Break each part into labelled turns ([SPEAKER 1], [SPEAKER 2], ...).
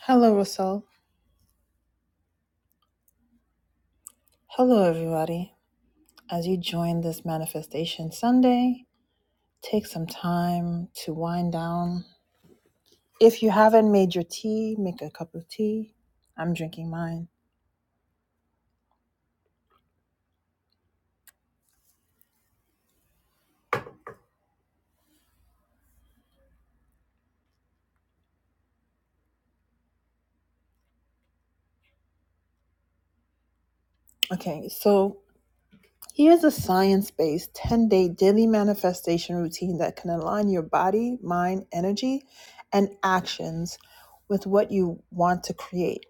[SPEAKER 1] Hello, Russell. Hello, everybody. As you join this Manifestation Sunday, take some time to wind down. If you haven't made your tea, make a cup of tea. I'm drinking mine. Okay, so here's a science based 10 day daily manifestation routine that can align your body, mind, energy, and actions with what you want to create.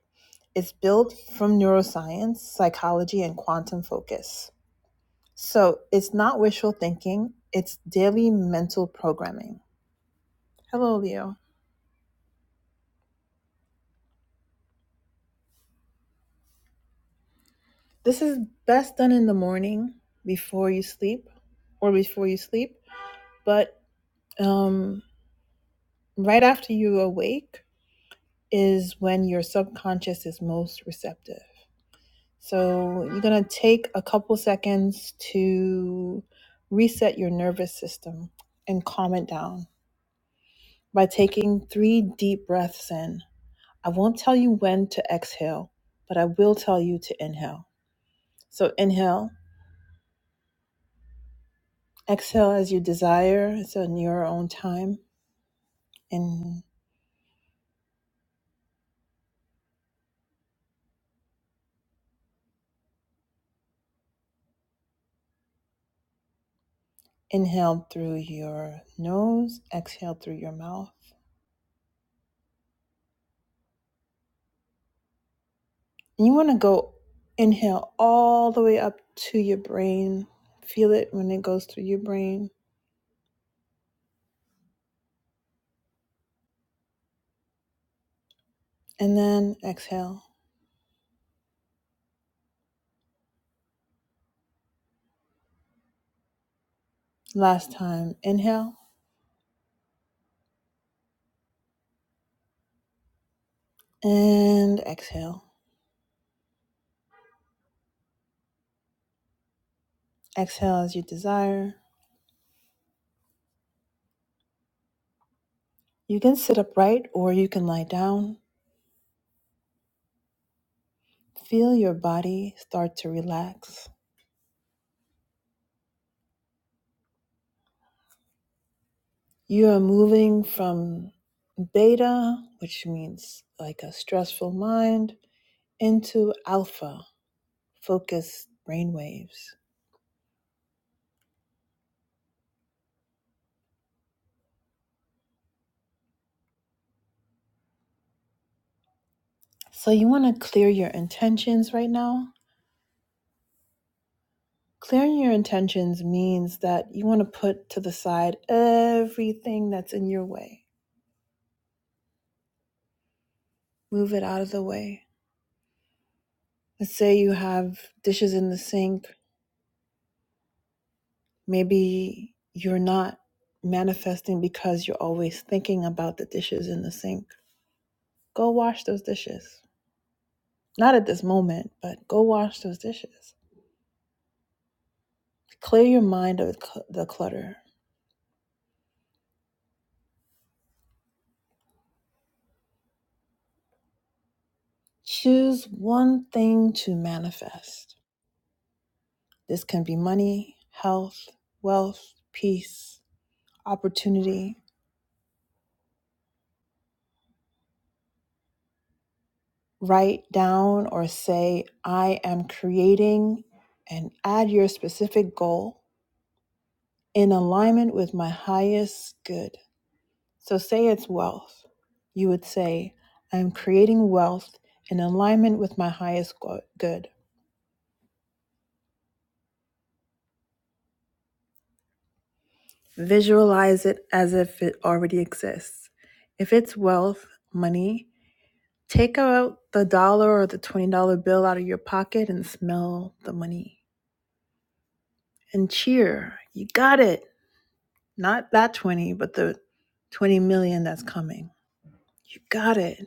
[SPEAKER 1] It's built from neuroscience, psychology, and quantum focus. So it's not wishful thinking, it's daily mental programming. Hello, Leo. This is best done in the morning before you sleep or before you sleep, but um, right after you awake is when your subconscious is most receptive. So you're going to take a couple seconds to reset your nervous system and calm it down by taking three deep breaths in. I won't tell you when to exhale, but I will tell you to inhale. So inhale, exhale as you desire, so in your own time. And inhale through your nose, exhale through your mouth. And you want to go inhale all the way up to your brain. Feel it when it goes through your brain. And then exhale. Last time, inhale and exhale. Exhale as you desire. You can sit upright or you can lie down. Feel your body start to relax. You are moving from beta, which means like a stressful mind, into alpha, focused brainwaves. So you want to clear your intentions right now. Clearing your intentions means that you want to put to the side everything that's in your way. Move it out of the way. Let's say you have dishes in the sink Maybe you're not manifesting because you're always thinking about the dishes in the sink. Go wash those dishes. Not at this moment, but go wash those dishes. Clear your mind of cl- the clutter. Choose one thing to manifest. This can be money, health, wealth, peace, opportunity. Write down or say, I am creating, and add your specific goal in alignment with my highest good. So say it's wealth. You would say, I am creating wealth in alignment with my highest good. Visualize it as if it already exists. If it's wealth, money, take out the dollar or the $20 bill out of your pocket and smell the money and cheer. You got it. Not that 20, but the 20 million that's coming. You got it.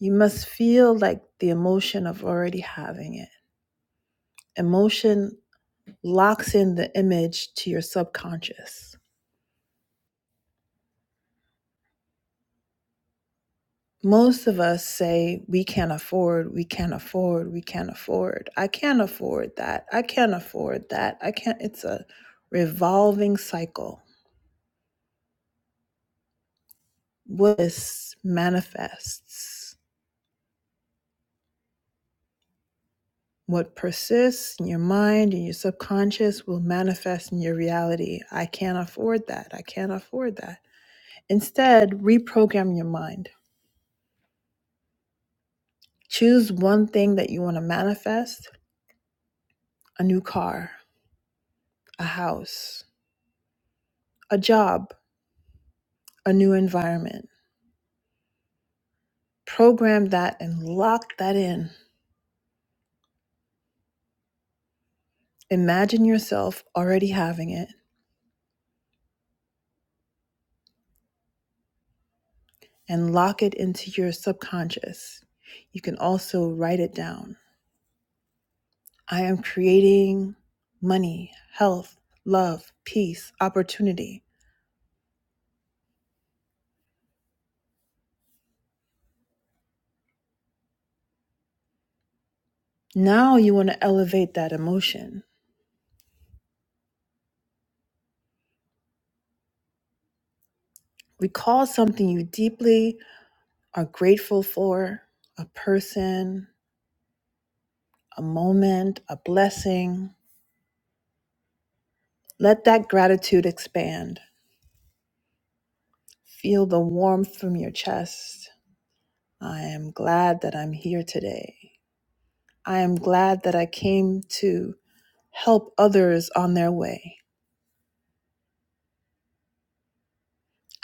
[SPEAKER 1] You must feel like the emotion of already having it. Emotion locks in the image to your subconscious. Most of us say, we can't afford, we can't afford, we can't afford. I can't afford that. I can't afford that. I can't. It's a revolving cycle. What manifests, what persists in your mind and your subconscious will manifest in your reality. I can't afford that. I can't afford that. Instead, reprogram your mind. Choose one thing that you want to manifest a new car, a house, a job, a new environment. Program that and lock that in. Imagine yourself already having it and lock it into your subconscious. You can also write it down. I am creating money, health, love, peace, opportunity. Now you want to elevate that emotion. Recall something you deeply are grateful for, a person, a moment, a blessing. Let that gratitude expand. Feel the warmth from your chest. I am glad that I'm here today. I am glad that I came to help others on their way.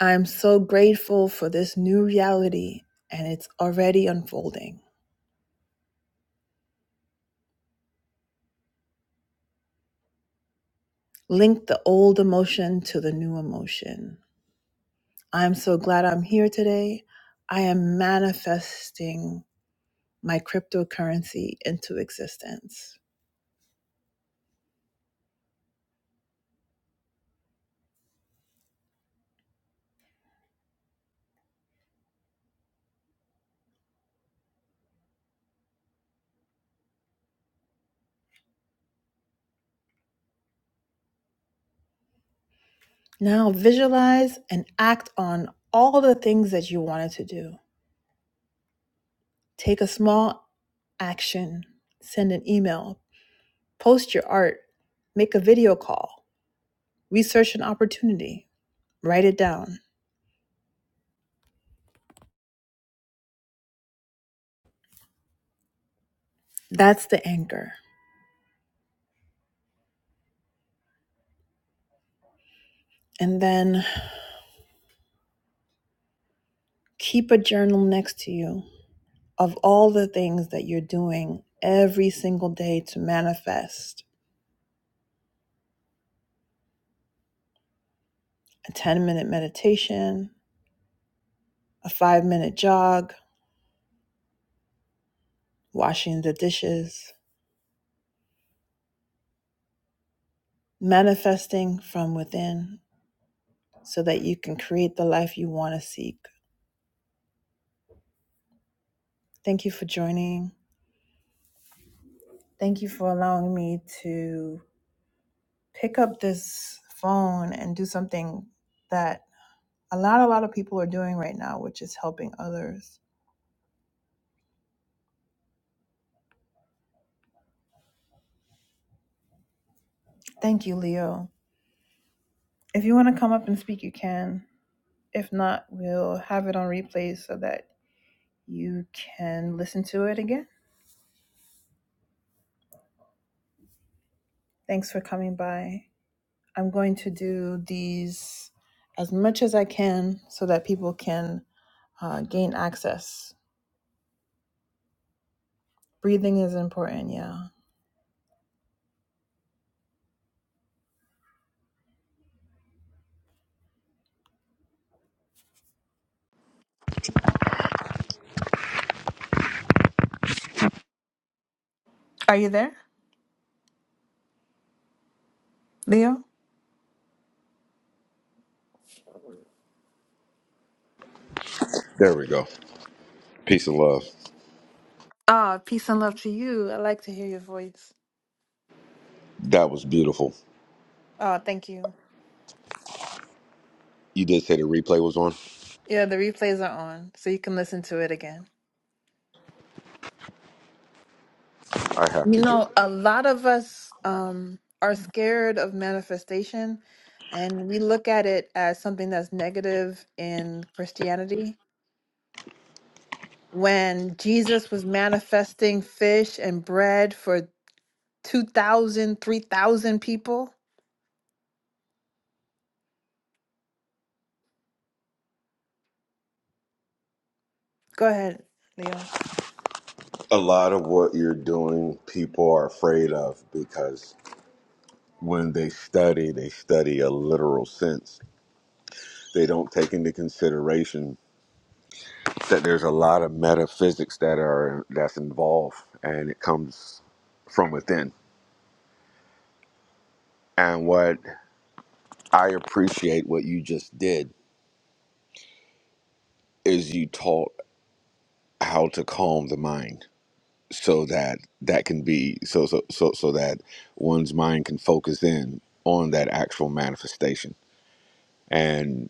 [SPEAKER 1] I am so grateful for this new reality and it's already unfolding. Link the old emotion to the new emotion. I am so glad I'm here today. I am manifesting my cryptocurrency into existence. Now visualize and act on all the things that you wanted to do. Take a small action, send an email, post your art, make a video call, research an opportunity, write it down. That's the anchor. And then keep a journal next to you of all the things that you're doing every single day to manifest a 10 minute meditation, a five minute jog, washing the dishes, manifesting from within so that you can create the life you want to seek. Thank you for joining. Thank you for allowing me to pick up this phone and do something that a lot a lot of people are doing right now, which is helping others. Thank you, Leo. If you want to come up and speak, you can. If not, we'll have it on replay so that you can listen to it again. Thanks for coming by. I'm going to do these as much as I can so that people can uh, gain access. Breathing is important, yeah. Are you there, Leo?
[SPEAKER 2] There we go. Peace and love.
[SPEAKER 1] Ah, peace and love to you. I like to hear your voice.
[SPEAKER 2] That was beautiful.
[SPEAKER 1] Oh, thank you.
[SPEAKER 2] You did say the replay was on.
[SPEAKER 1] Yeah, the replays are on, so you can listen to it again.
[SPEAKER 2] I have to
[SPEAKER 1] You
[SPEAKER 2] join.
[SPEAKER 1] know, a lot of us um, are scared of manifestation, and we look at it as something that's negative in Christianity. when Jesus was manifesting fish and bread for 2,000, 3,000 people. Go ahead, Leo.
[SPEAKER 2] A lot of what you're doing, people are afraid of because when they study, they study a literal sense. They don't take into consideration that there's a lot of metaphysics that are that's involved, and it comes from within. And what I appreciate what you just did is you taught how to calm the mind. so that that can be so so so so that one's mind can focus in on that actual manifestation and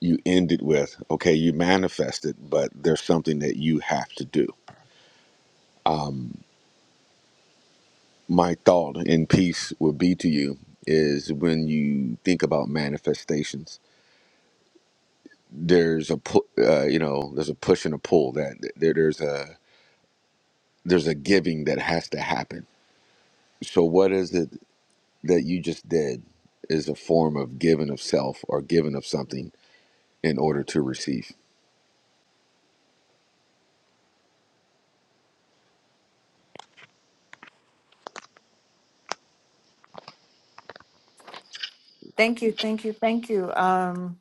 [SPEAKER 2] you end it with okay you manifested but there's something that you have to do my thought in peace would be to you is when you think about manifestations there's a pu- uh, you know there's a push and a pull that there, there's a there's a giving that has to happen so what is it that you just did is a form of giving of self or giving of something in order to receive.
[SPEAKER 1] Thank you, thank you, thank you. Um,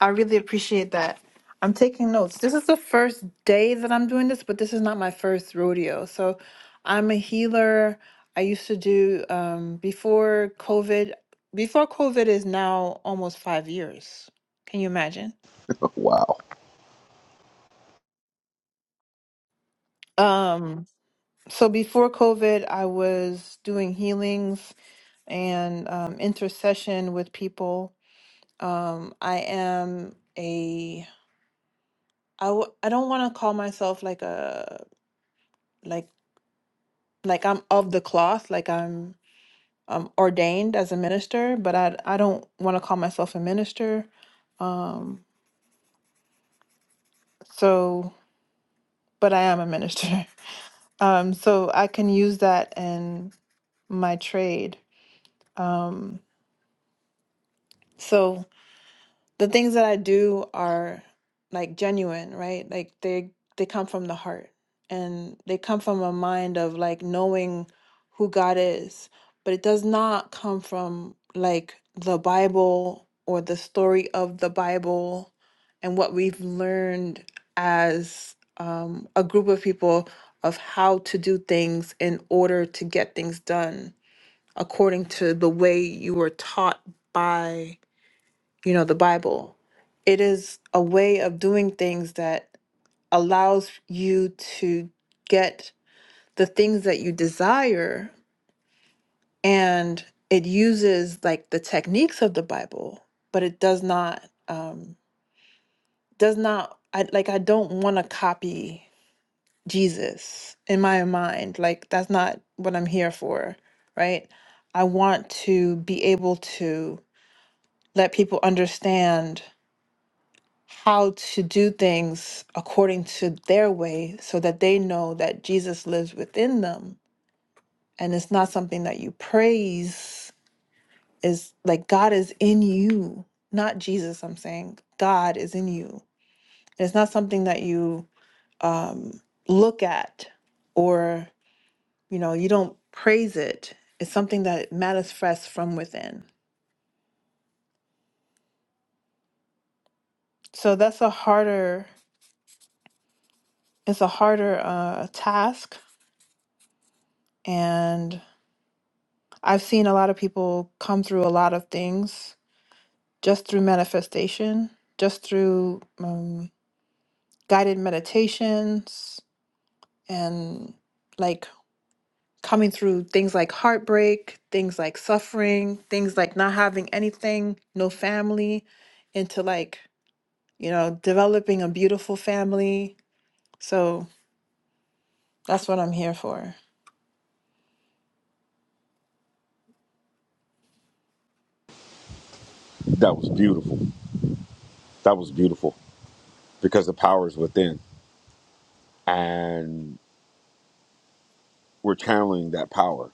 [SPEAKER 1] I really appreciate that. I'm taking notes. This is the first day that I'm doing this, but this is not my first rodeo. So I'm a healer. I used to do um, before COVID. Before COVID is now almost five years. Can you imagine?
[SPEAKER 2] Wow.
[SPEAKER 1] Um, So before COVID, I was doing healings and um, intercession with people. Um, I am a I w- I don't want to call myself like a like like I'm of the cloth, like I'm um, ordained as a minister, but I I don't want to call myself a minister. Um, so, but I am a minister. Um, so I can use that in my trade. Um, so the things that I do are like genuine, right? Like they they come from the heart and they come from a mind of like knowing who God is, but it does not come from like the Bible or the story of the Bible and what we've learned as um, a group of people of how to do things in order to get things done according to the way you were taught by you know, the Bible. It is a way of doing things that allows you to get the things that you desire and it uses like the techniques of the Bible, but it does not um does not I like I don't want to copy Jesus in my mind. Like that's not what I'm here for, right? I want to be able to let people understand how to do things according to their way so that they know that Jesus lives within them. And it's not something that you praise, is like God is in you, not Jesus, I'm saying. God is in you. And it's not something that you um, look at or, you know, you don't praise it. It's something that manifests from within. So that's a harder, it's a harder uh, task. And I've seen a lot of people come through a lot of things just through manifestation, just through um, guided meditations, and like coming through things like heartbreak, things like suffering, things like not having anything, no family, into like, you know, developing a beautiful family. So that's what I'm here for.
[SPEAKER 2] That was beautiful. That was beautiful because the power is within. And we're channeling that power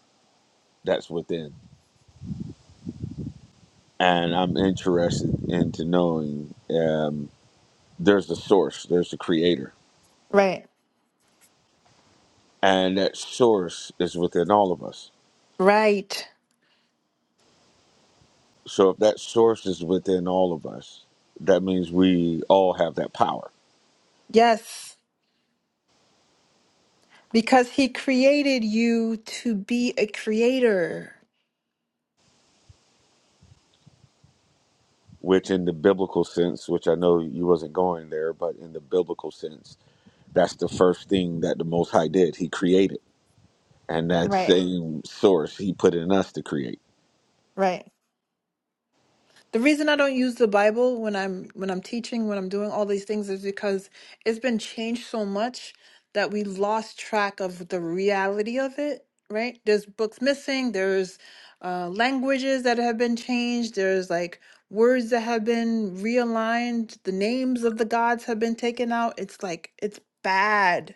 [SPEAKER 2] that's within. And I'm interested into knowing um, there's the source, there's the creator.
[SPEAKER 1] Right.
[SPEAKER 2] And that source is within all of us.
[SPEAKER 1] Right.
[SPEAKER 2] So if that source is within all of us, that means we all have that power.
[SPEAKER 1] Yes. Because he created you to be a creator.
[SPEAKER 2] which in the biblical sense, which I know you wasn't going there, but in the biblical sense, that's the first thing that the Most High did. He created, and that
[SPEAKER 1] Right,
[SPEAKER 2] same source He put in us to create.
[SPEAKER 1] right. The reason I don't use the Bible when I'm when I'm teaching, when I'm doing all these things is because it's been changed so much that we lost track of the reality of it, right? There's books missing, there's uh languages that have been changed, there's like words that have been realigned, the names of the gods have been taken out. It's like it's bad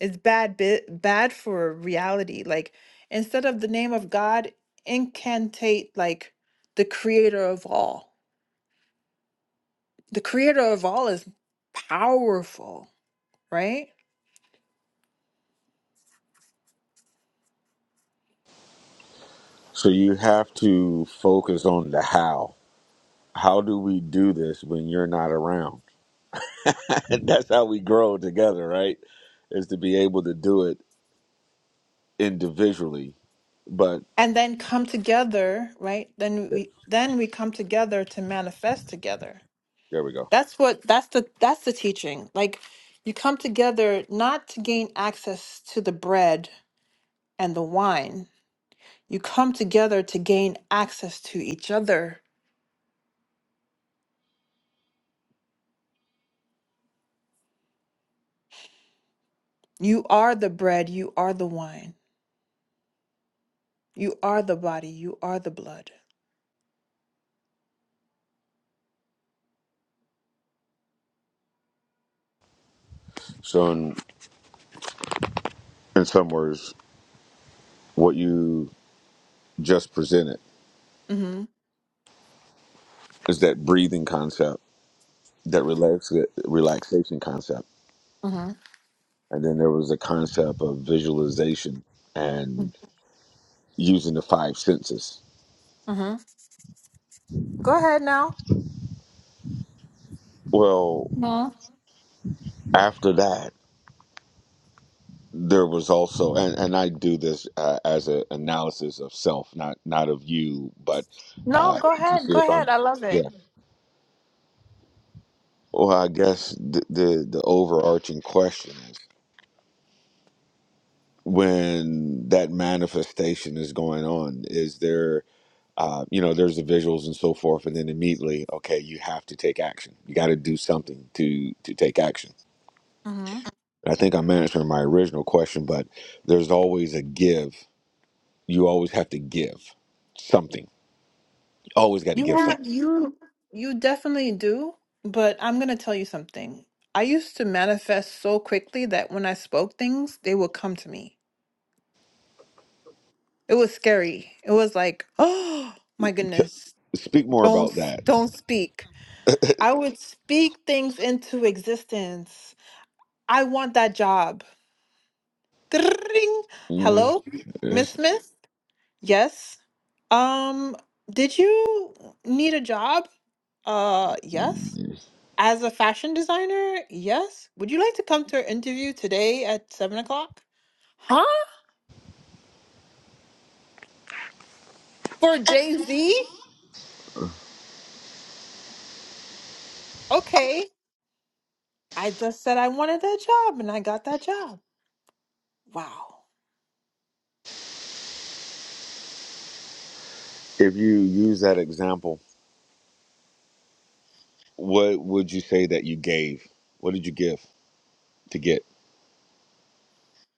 [SPEAKER 1] It's bad bit bad for reality. Like instead of the name of God, incantate like the creator of all. The creator of all is powerful, right?
[SPEAKER 2] So you have to focus on the how. How do we do this when you're not around? that's how we grow together, right? Is to be able to do it individually. But
[SPEAKER 1] And then come together, right? Then
[SPEAKER 2] yeah,
[SPEAKER 1] we then we come together to manifest together.
[SPEAKER 2] there we go.
[SPEAKER 1] That's what that's the that's the teaching. Like you come together not to gain access to the bread and the wine. You come together to gain access to each other You are the bread, you are the wine, you are the body, you are the blood.
[SPEAKER 2] So in in some words, what you just presented
[SPEAKER 1] Mm-hmm.
[SPEAKER 2] is that breathing concept that relax relaxation concept,
[SPEAKER 1] Mm-hmm.
[SPEAKER 2] and then there was a concept of visualization and using the five senses.
[SPEAKER 1] Mm-hmm. Go ahead now.
[SPEAKER 2] Well,
[SPEAKER 1] No,
[SPEAKER 2] after that, there was also, and, and I do this uh, as an analysis of self, not not of you, but
[SPEAKER 1] No,
[SPEAKER 2] uh,
[SPEAKER 1] go
[SPEAKER 2] to
[SPEAKER 1] ahead.
[SPEAKER 2] see
[SPEAKER 1] Go
[SPEAKER 2] if I'm,
[SPEAKER 1] ahead. I love
[SPEAKER 2] yeah.
[SPEAKER 1] it.
[SPEAKER 2] Well, I guess the, the the overarching question is when that manifestation is going on, is there uh, you know, there's the visuals and so forth, and then immediately, okay, you have to take action. You got to do something to to take action.
[SPEAKER 1] Mm-hmm.
[SPEAKER 2] And I think I'm answering my original question, but there's always a give. You always have to give something. You always got to
[SPEAKER 1] You
[SPEAKER 2] give
[SPEAKER 1] have
[SPEAKER 2] something.
[SPEAKER 1] you you definitely do, but I'm gonna tell you something. I used to manifest so quickly that when I spoke things, they would come to me. It was scary. It was like, oh my
[SPEAKER 2] T-
[SPEAKER 1] goodness,
[SPEAKER 2] Speak more
[SPEAKER 1] don't
[SPEAKER 2] about
[SPEAKER 1] s-
[SPEAKER 2] that.
[SPEAKER 1] don't speak. I would speak things into existence. I want that job. Ding.
[SPEAKER 2] If
[SPEAKER 1] Hello, Miss Smith? Yes. Um, did you need a job? Uh, yes. As a fashion designer, yes. Would you like to come to our interview today at seven o'clock? Huh? For Jay Z? Okay. I just said I wanted that job and I got that job. Wow.
[SPEAKER 2] you use that example, what would you say that you gave? What did you give to get?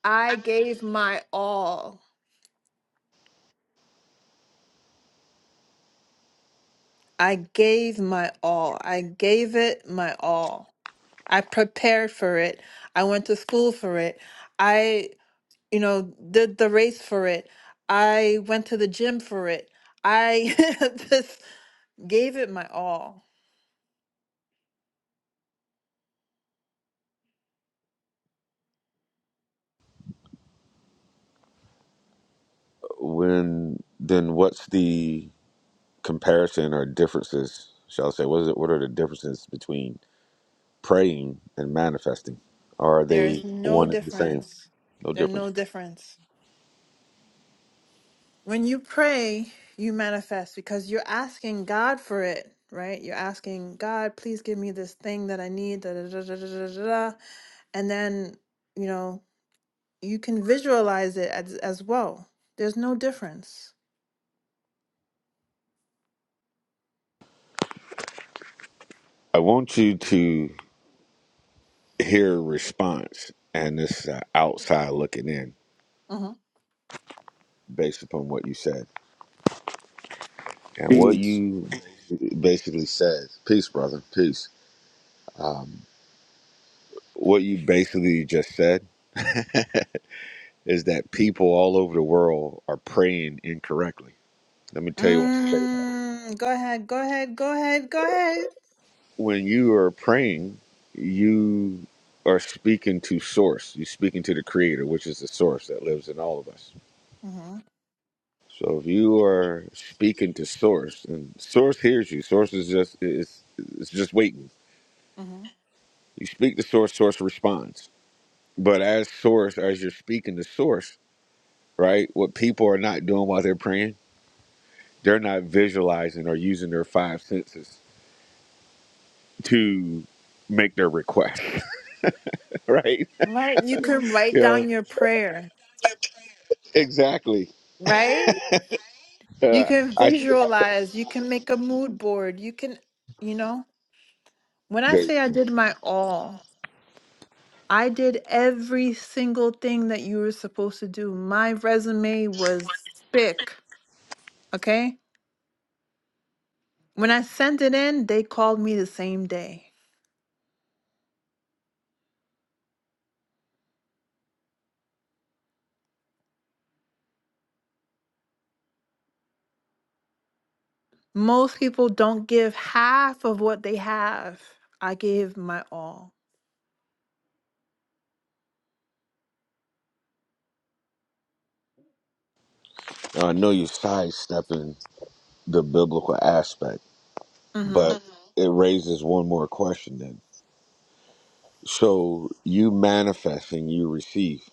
[SPEAKER 1] I gave my all. I gave my all. I gave it my all. I prepared for it. I went to school for it. I, you know, did the race for it. I went to the gym for it. I just gave it my all.
[SPEAKER 2] When then, what's the comparison or differences, shall I say? What is it? What are the differences between praying and manifesting? are
[SPEAKER 1] There is
[SPEAKER 2] they
[SPEAKER 1] no
[SPEAKER 2] one and the same?
[SPEAKER 1] difference.
[SPEAKER 2] No
[SPEAKER 1] There's
[SPEAKER 2] different.
[SPEAKER 1] no difference. When you pray, you manifest because you're asking God for it, right? You're asking God, please give me this thing that I need, da da da da da da da. da." And then, you know, you can visualize it as, as well. There's no difference.
[SPEAKER 2] I want you to hear a response, and this is uh, outside looking in,
[SPEAKER 1] hmm
[SPEAKER 2] based upon what you said and what
[SPEAKER 3] Peace.
[SPEAKER 2] you basically said. Peace, brother. Peace. What you basically just said is that people all over the world are praying incorrectly. Let me tell you why. I say that.
[SPEAKER 1] Mm, go ahead, go ahead, go ahead, go ahead.
[SPEAKER 2] when you are praying, you are speaking to source. You're speaking to the creator, which is the source that lives in all of us.
[SPEAKER 1] hmm
[SPEAKER 2] So if you are speaking to source and source hears you, source is just it's it's just waiting.
[SPEAKER 1] hmm
[SPEAKER 2] You speak to source, source responds. But as source, as you're speaking to source, right? What people are not doing while they're praying, they're not visualizing or using their five senses to make their request, right?
[SPEAKER 1] Right? You Yeah. can write
[SPEAKER 2] You know,
[SPEAKER 1] down your prayer,
[SPEAKER 2] exactly.
[SPEAKER 1] right? You
[SPEAKER 2] Uh,
[SPEAKER 1] can
[SPEAKER 2] I see myself.
[SPEAKER 1] visualize, you can make a mood board, you can, you know, when I
[SPEAKER 2] Good.
[SPEAKER 1] say I did my all, I did every single thing that you were supposed to do. My resume was thick, okay? When I sent it in, they called me the same day. Most people don't give half of what they have. I gave my all.
[SPEAKER 2] I know you're sidestepping the biblical aspect,
[SPEAKER 1] Mhm.
[SPEAKER 2] but it raises one more question then. So you manifest and you receive.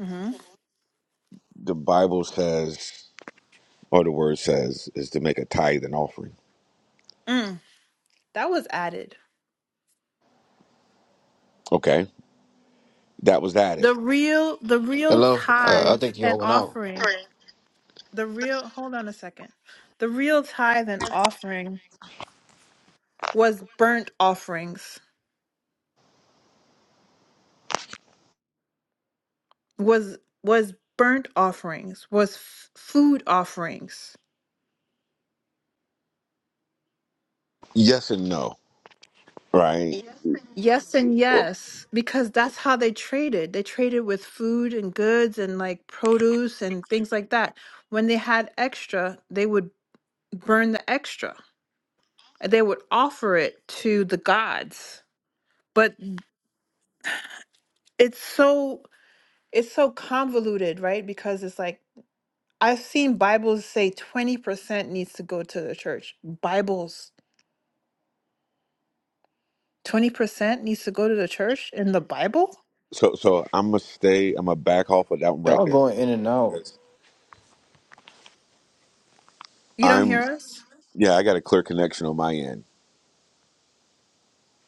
[SPEAKER 1] Mhm.
[SPEAKER 2] The Bible says, or the word says, is to make a tithe and offering.
[SPEAKER 1] Mm. That was added.
[SPEAKER 2] Okay, that was added.
[SPEAKER 1] The real the real
[SPEAKER 3] Hello. Uh, I
[SPEAKER 1] tithe
[SPEAKER 3] think
[SPEAKER 1] and
[SPEAKER 3] y'all went out.
[SPEAKER 1] offering The real, hold on a second. The real tithe and offering was burnt offerings, was was burnt offerings, was f- food offerings.
[SPEAKER 2] Yes and no, right?
[SPEAKER 1] Yes and
[SPEAKER 2] Yeah.
[SPEAKER 1] yes, because that's how they traded. They traded with food and goods and like produce and things like that. When they had extra, they would burn the extra. They would offer it to the gods. But it's so it's so convoluted, right? Because it's like I've seen Bibles say 20% needs to go to the church. Bibles, 20% needs to go to the church in the Bible?
[SPEAKER 2] So, so I'm gonna stay. I'm gonna back off of that one right
[SPEAKER 3] Y'all
[SPEAKER 2] there
[SPEAKER 3] going in and out.
[SPEAKER 2] because
[SPEAKER 1] You don't
[SPEAKER 2] I'm.
[SPEAKER 1] hear us?
[SPEAKER 2] Yeah, I got a clear connection on my end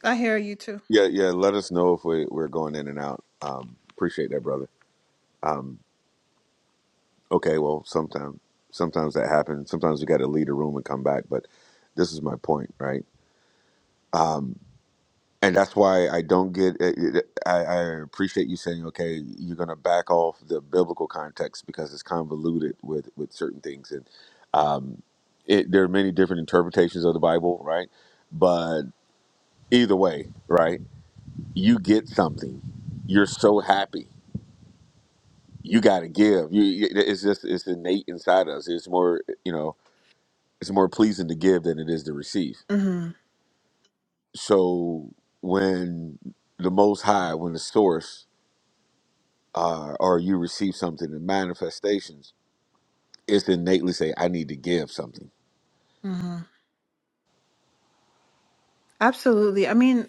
[SPEAKER 1] I hear you too.
[SPEAKER 2] Yeah, yeah. Let us know if we, we're going in and out. Um, appreciate that, brother. Um, okay, well, sometimes sometimes that happens. Sometimes we got to leave the room and come back. But this is my point, right? Um, and that's why I don't get. I, I I appreciate you saying, okay, you're going to back off the biblical context because it's convoluted with with certain things, and um, it, there are many different interpretations of the Bible, right? But either way, right, you get something. You're so happy you got to give. You, it's just it's innate inside us. It's more you know it's more pleasing to give than it is to receive.
[SPEAKER 1] hmm
[SPEAKER 2] So when the Most High, when the Source, uh, or you receive something in manifestations, it's innately say, "I need to give something."
[SPEAKER 1] hmm Absolutely. I mean,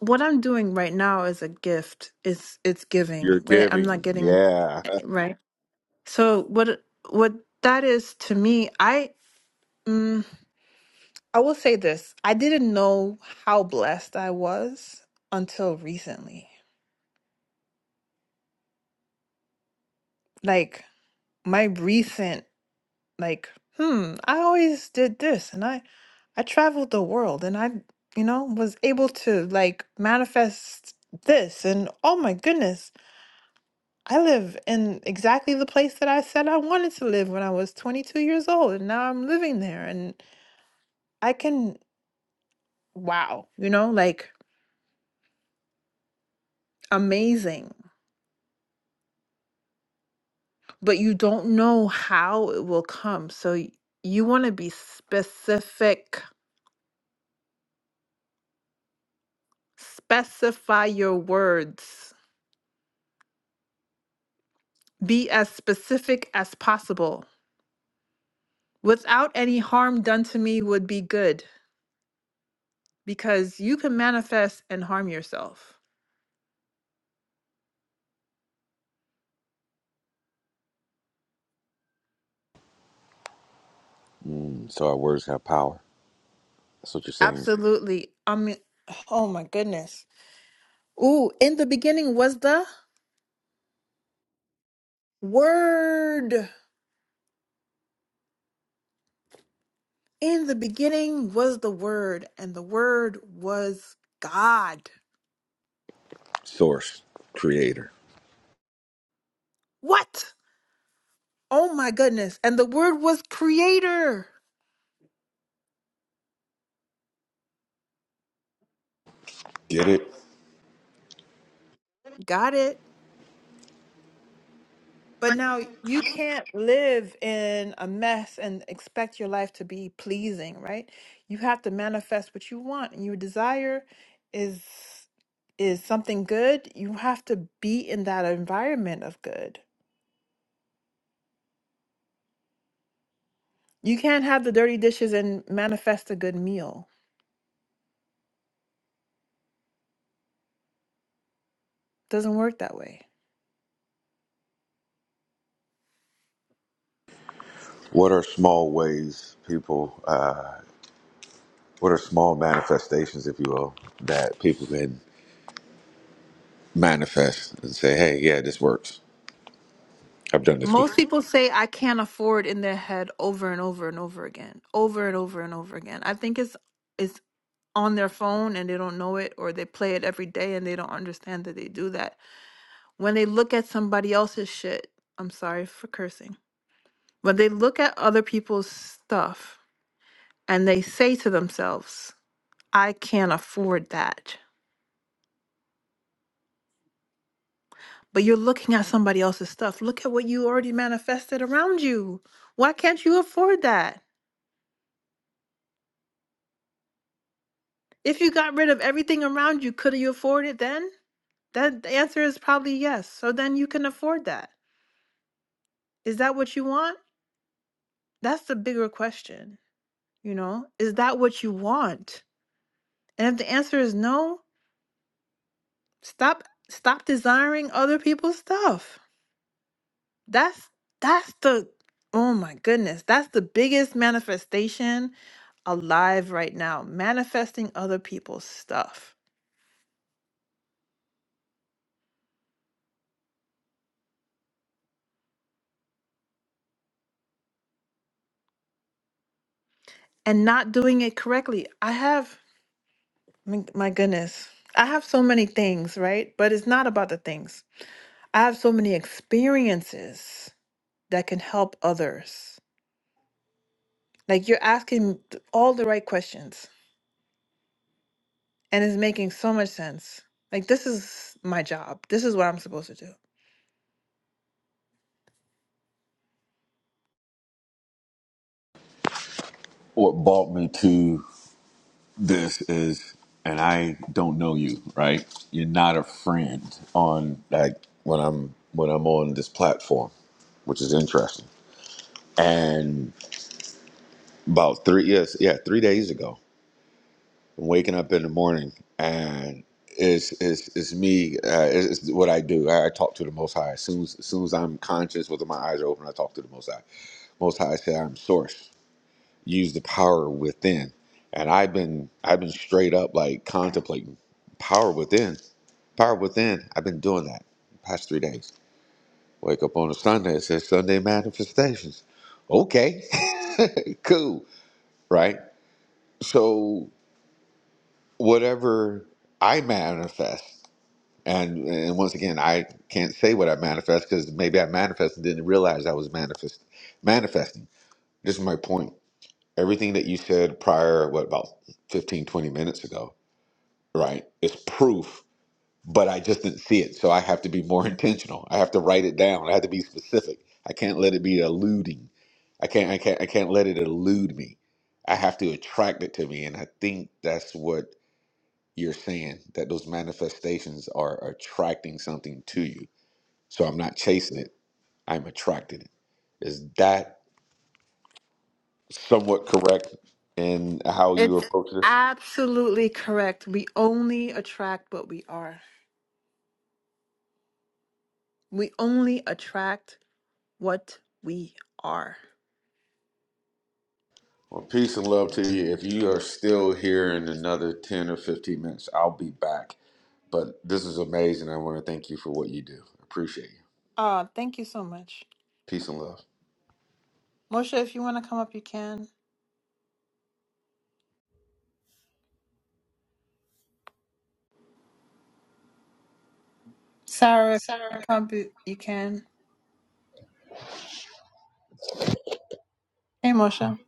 [SPEAKER 1] what I'm doing right now is a gift. It's it's
[SPEAKER 2] You're
[SPEAKER 1] giving. right? I'm not
[SPEAKER 2] giving,
[SPEAKER 1] getting
[SPEAKER 2] yeah.
[SPEAKER 1] eh, right. So what what that is to me, I mm, I will say this. I didn't know how blessed I was until recently. Like my recent like, hmm, I always did this and I I traveled the world and I, you know, was able to like manifest this and oh my goodness, I live in exactly the place that I said I wanted to live when I was 22 years old and now I'm living there and I can wow, you know, like amazing. But you don't know how it will come. So y- you want to be specific. Specify your words Be as specific as possible. Without any harm done to me would be good because you can manifest and harm yourself.
[SPEAKER 2] Mm, so our words have power. That's what you're saying.
[SPEAKER 1] Absolutely. I mean, oh my goodness. Ooh, in the beginning was the Word. In the beginning was the Word, and the Word was God.
[SPEAKER 2] Source, Creator,
[SPEAKER 1] What? Oh my goodness. And the Word was Creator.
[SPEAKER 2] get it?
[SPEAKER 1] Got it. But now you can't live in a mess and expect your life to be pleasing, right? You have to manifest what you want. Your desire is is something good. You have to be in that environment of good. You can't have the dirty dishes and manifest a good meal. Doesn't work that way.
[SPEAKER 2] What are small ways people? Uh, what are small manifestations, if you will, that people can manifest and say, hey, yeah, this works. I've done this
[SPEAKER 1] Most
[SPEAKER 2] before.
[SPEAKER 1] people say I can't afford in their head over and over and over again, over and over and over again. I think it's it's on their phone and they don't know it or they play it every day and they don't understand that they do that. When they look at somebody else's shit, I'm sorry for cursing. When they look at other people's stuff and they say to themselves, I can't afford that. But you're looking at somebody else's stuff. Look at what you already manifested around you. Why can't you afford that? If you got rid of everything around you, could you afford it then? That the answer is probably yes. So then you can afford that. Is that what you want? That's the bigger question, you know? Is that what you want? And if the answer is no, stop stop desiring other people's stuff. That's that's the oh my goodness, that's the biggest manifestation alive right now, manifesting other people's stuff and not doing it correctly. I have my my goodness. I have so many things, right? But it's not about the things. I have so many experiences that can help others Like you're asking th- all the right questions and it's making so much sense. Like this is my job. This is what I'm supposed to do.
[SPEAKER 2] What brought me to this is, and I don't know you, right? You're not a friend on like when I'm when I'm on this platform, which is interesting. And about three yes, yeah, three days ago, I'm waking up in the morning and it's it's, it's me. Uh, it's, it's what I do. I, I talk to the Most High. As soon as, as soon as I'm conscious, whether my eyes are open, I talk to the Most High. Most High said, "I'm Source." use the power within. And I've been I've been straight up like contemplating power within. Power within. I've been doing that the past three days. Wake up on a Sunday, it says Sunday manifestations. Okay. cool. Right? So whatever I manifest, and and once again I can't say what I manifest because maybe I manifested and didn't realize I was manifest manifesting. This is my point Everything that you said prior, what, about 15 20 minutes ago, right, is proof, but I just didn't see it. So I have to be more intentional. I have to write it down. I have to be specific. I can't let it be eluding. I can't, I can't, I can't let it elude me. I have to attract it to me. And I think that's what you're saying, that those manifestations are attracting something to you. So I'm not chasing it. I'm attracting it. Is that somewhat correct in how you
[SPEAKER 1] It's
[SPEAKER 2] approach this?
[SPEAKER 1] absolutely correct. We only attract what we are. We only attract what we are.
[SPEAKER 2] Well, peace and love to you. If you are still here in another 10 or 15 minutes, I'll be back. But this is amazing. I want to thank you for what you do. Appreciate you.
[SPEAKER 1] Uh, thank you so much.
[SPEAKER 2] Peace and love.
[SPEAKER 1] Moshe, if you want to come up, you can. Sarah, if you want to come up, you you can. Hey, Moshe.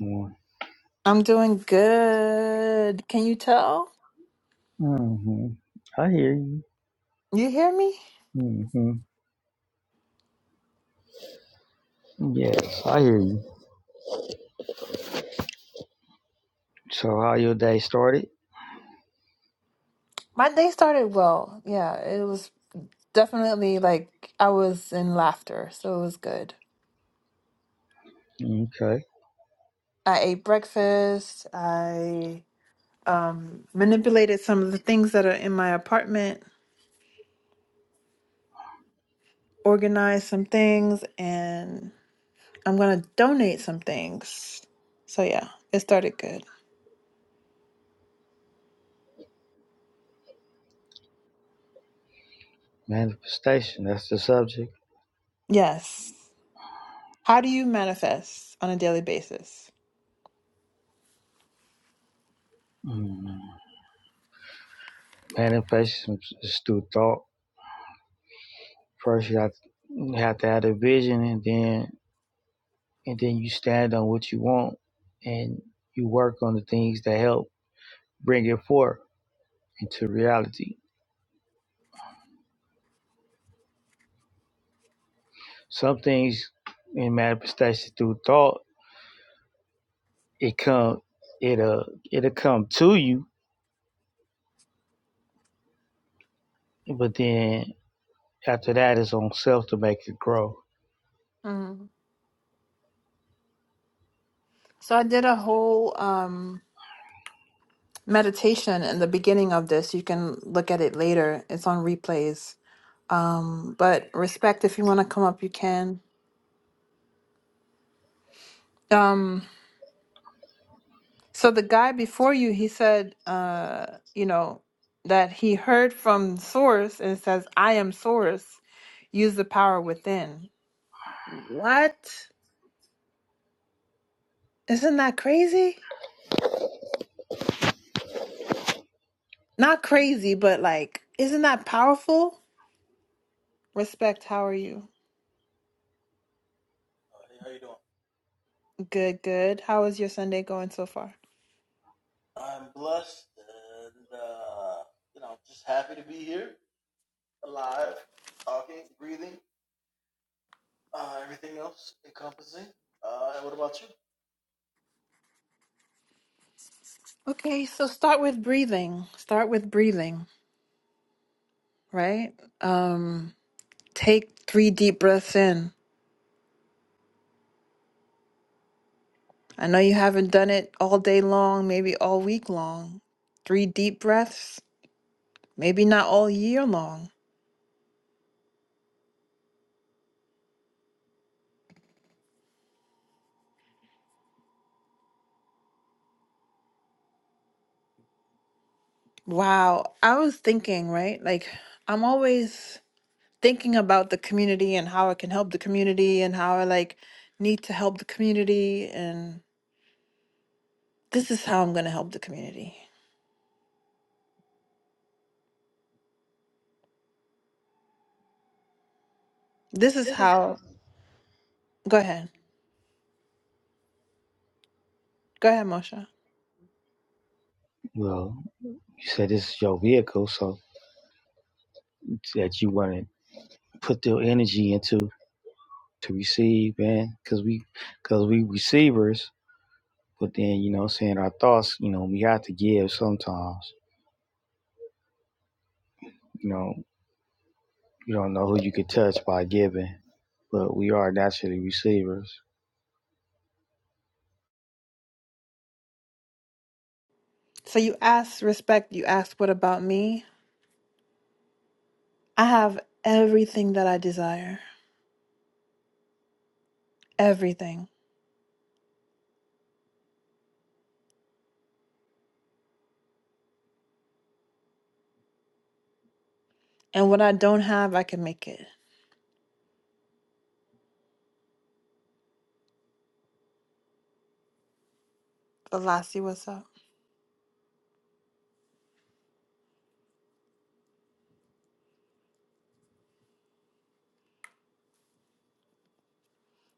[SPEAKER 4] More.
[SPEAKER 1] I'm doing good. Can you tell?
[SPEAKER 4] hmm I hear you.
[SPEAKER 1] You hear me?
[SPEAKER 4] hmm Yes, I hear you. So, how your day started?
[SPEAKER 1] My day started well. Yeah, it was definitely like I was in laughter, so it was good.
[SPEAKER 4] Okay.
[SPEAKER 1] I ate breakfast. I um, manipulated some of the things that are in my apartment, organized some things, and I'm gonna donate some things. So yeah, it started good.
[SPEAKER 4] Manifestation, that's the subject.
[SPEAKER 1] Yes. How do you manifest on a daily basis?
[SPEAKER 4] Mm. Manifestation is through thought. First, you have, you have to have a vision, and then and then you stand on what you want, and you work on the things that help bring it forth into reality. Some things in manifestation through thought, it come, it'll it'll come to you, But then after that, it's on self to make it grow.
[SPEAKER 1] Mm. So I did a whole um, meditation in the beginning of this. You can look at it later. It's on replays Um, but respect, if you want to come up, you can. Um, so the guy before you, he said, uh, you know, that he heard from Source and it says, I am Source, use the power within. What? Isn't that crazy? Not crazy, but like, isn't that powerful? Respect, how are you?
[SPEAKER 5] Uh, hey, how you doing?
[SPEAKER 1] Good, good. How is your Sunday going so far?
[SPEAKER 5] I'm blessed and uh, you know just happy to be here, alive, talking, breathing, uh, everything else encompassing. Uh, and what about you?
[SPEAKER 1] Okay, so start with breathing. Start with breathing, right? Um, Take three deep breaths in. I know you haven't done it all day long, maybe all week long. Three deep breaths, maybe not all year long. Wow. I was thinking, right? Like, I'm always thinking about the community and how I can help the community and how I like need to help the community. And this is how I'm going to help the community. This is how. Go ahead. Go ahead, Moshe.
[SPEAKER 4] Well, you said this is your vehicle, so that you want to put your energy into to receive, man, because we, because we receivers. But then you know, saying our thoughts, you know, we have to give sometimes. You know, you don't know who you could touch by giving, but we are naturally receivers.
[SPEAKER 1] So you asked respect, you asked what about me? I have everything that I desire. everything. And what I don't have, I can make it. Velasi, what's up?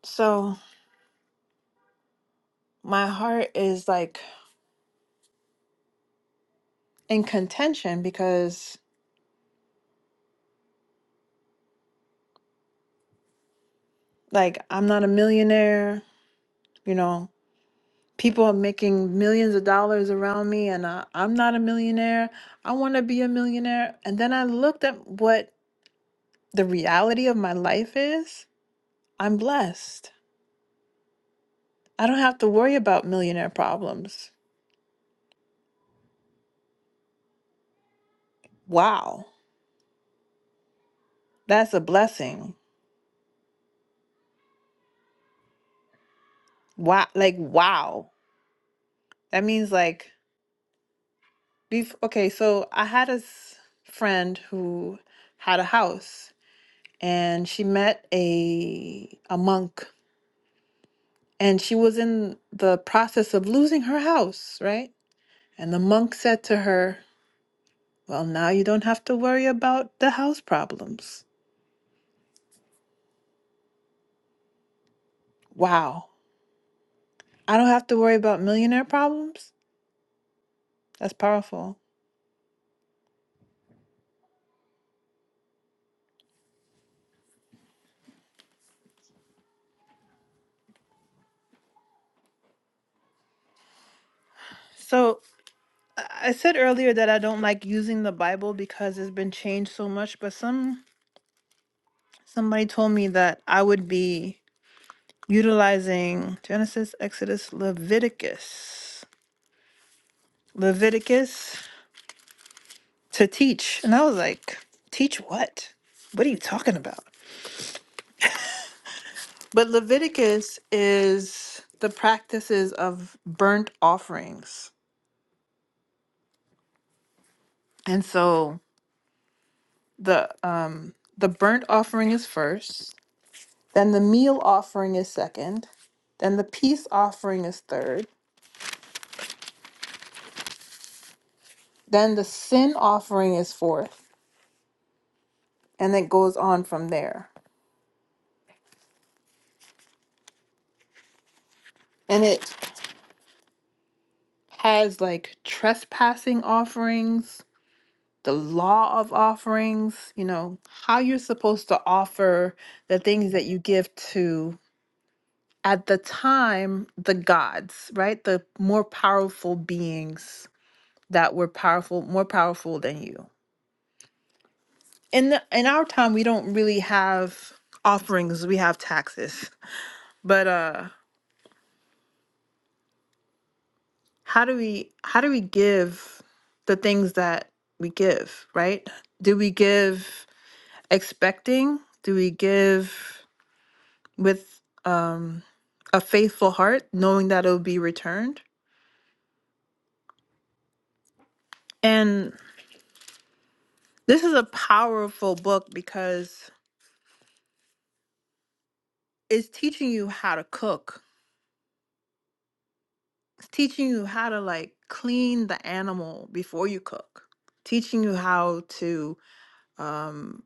[SPEAKER 1] So my heart is like in contention because like I'm not a millionaire, you know. People are making millions of dollars around me, and I, I'm not a millionaire. I want to be a millionaire. And then I looked at what the reality of my life is. I'm blessed. I don't have to worry about millionaire problems. Wow. That's a blessing. Wow. Like, wow That means like bef okay, so I had a s- friend who had a house and she met a a monk and she was in the process of losing her house, right? And the monk said to her, "Well, now you don't have to worry about the house problems." Wow. I don't have to worry about millionaire problems? That's powerful. So, I I said earlier that I don't like using the Bible because it's been changed so much, but some Somebody told me that I would be utilizing Genesis, Exodus, Leviticus, Leviticus to teach. And I was like, teach what? What are you talking about? But Leviticus is the practices of burnt offerings. And so the um the burnt offering is first, then the meal offering is second, then the peace offering is third, then the sin offering is fourth and it goes on from there. And it has like trespassing offerings, the law of offerings, you know, how you're supposed to offer the things that you give to at the time the gods, right? The more powerful beings that were powerful, more powerful than you. In the, in our time we don't really have offerings, we have taxes. But uh how do we how do we give the things that we give right do we give expecting do we give with um a faithful heart knowing that it'll be returned and this is a powerful book because it's teaching you how to cook it's teaching you how to like clean the animal before you cook teaching you how to um,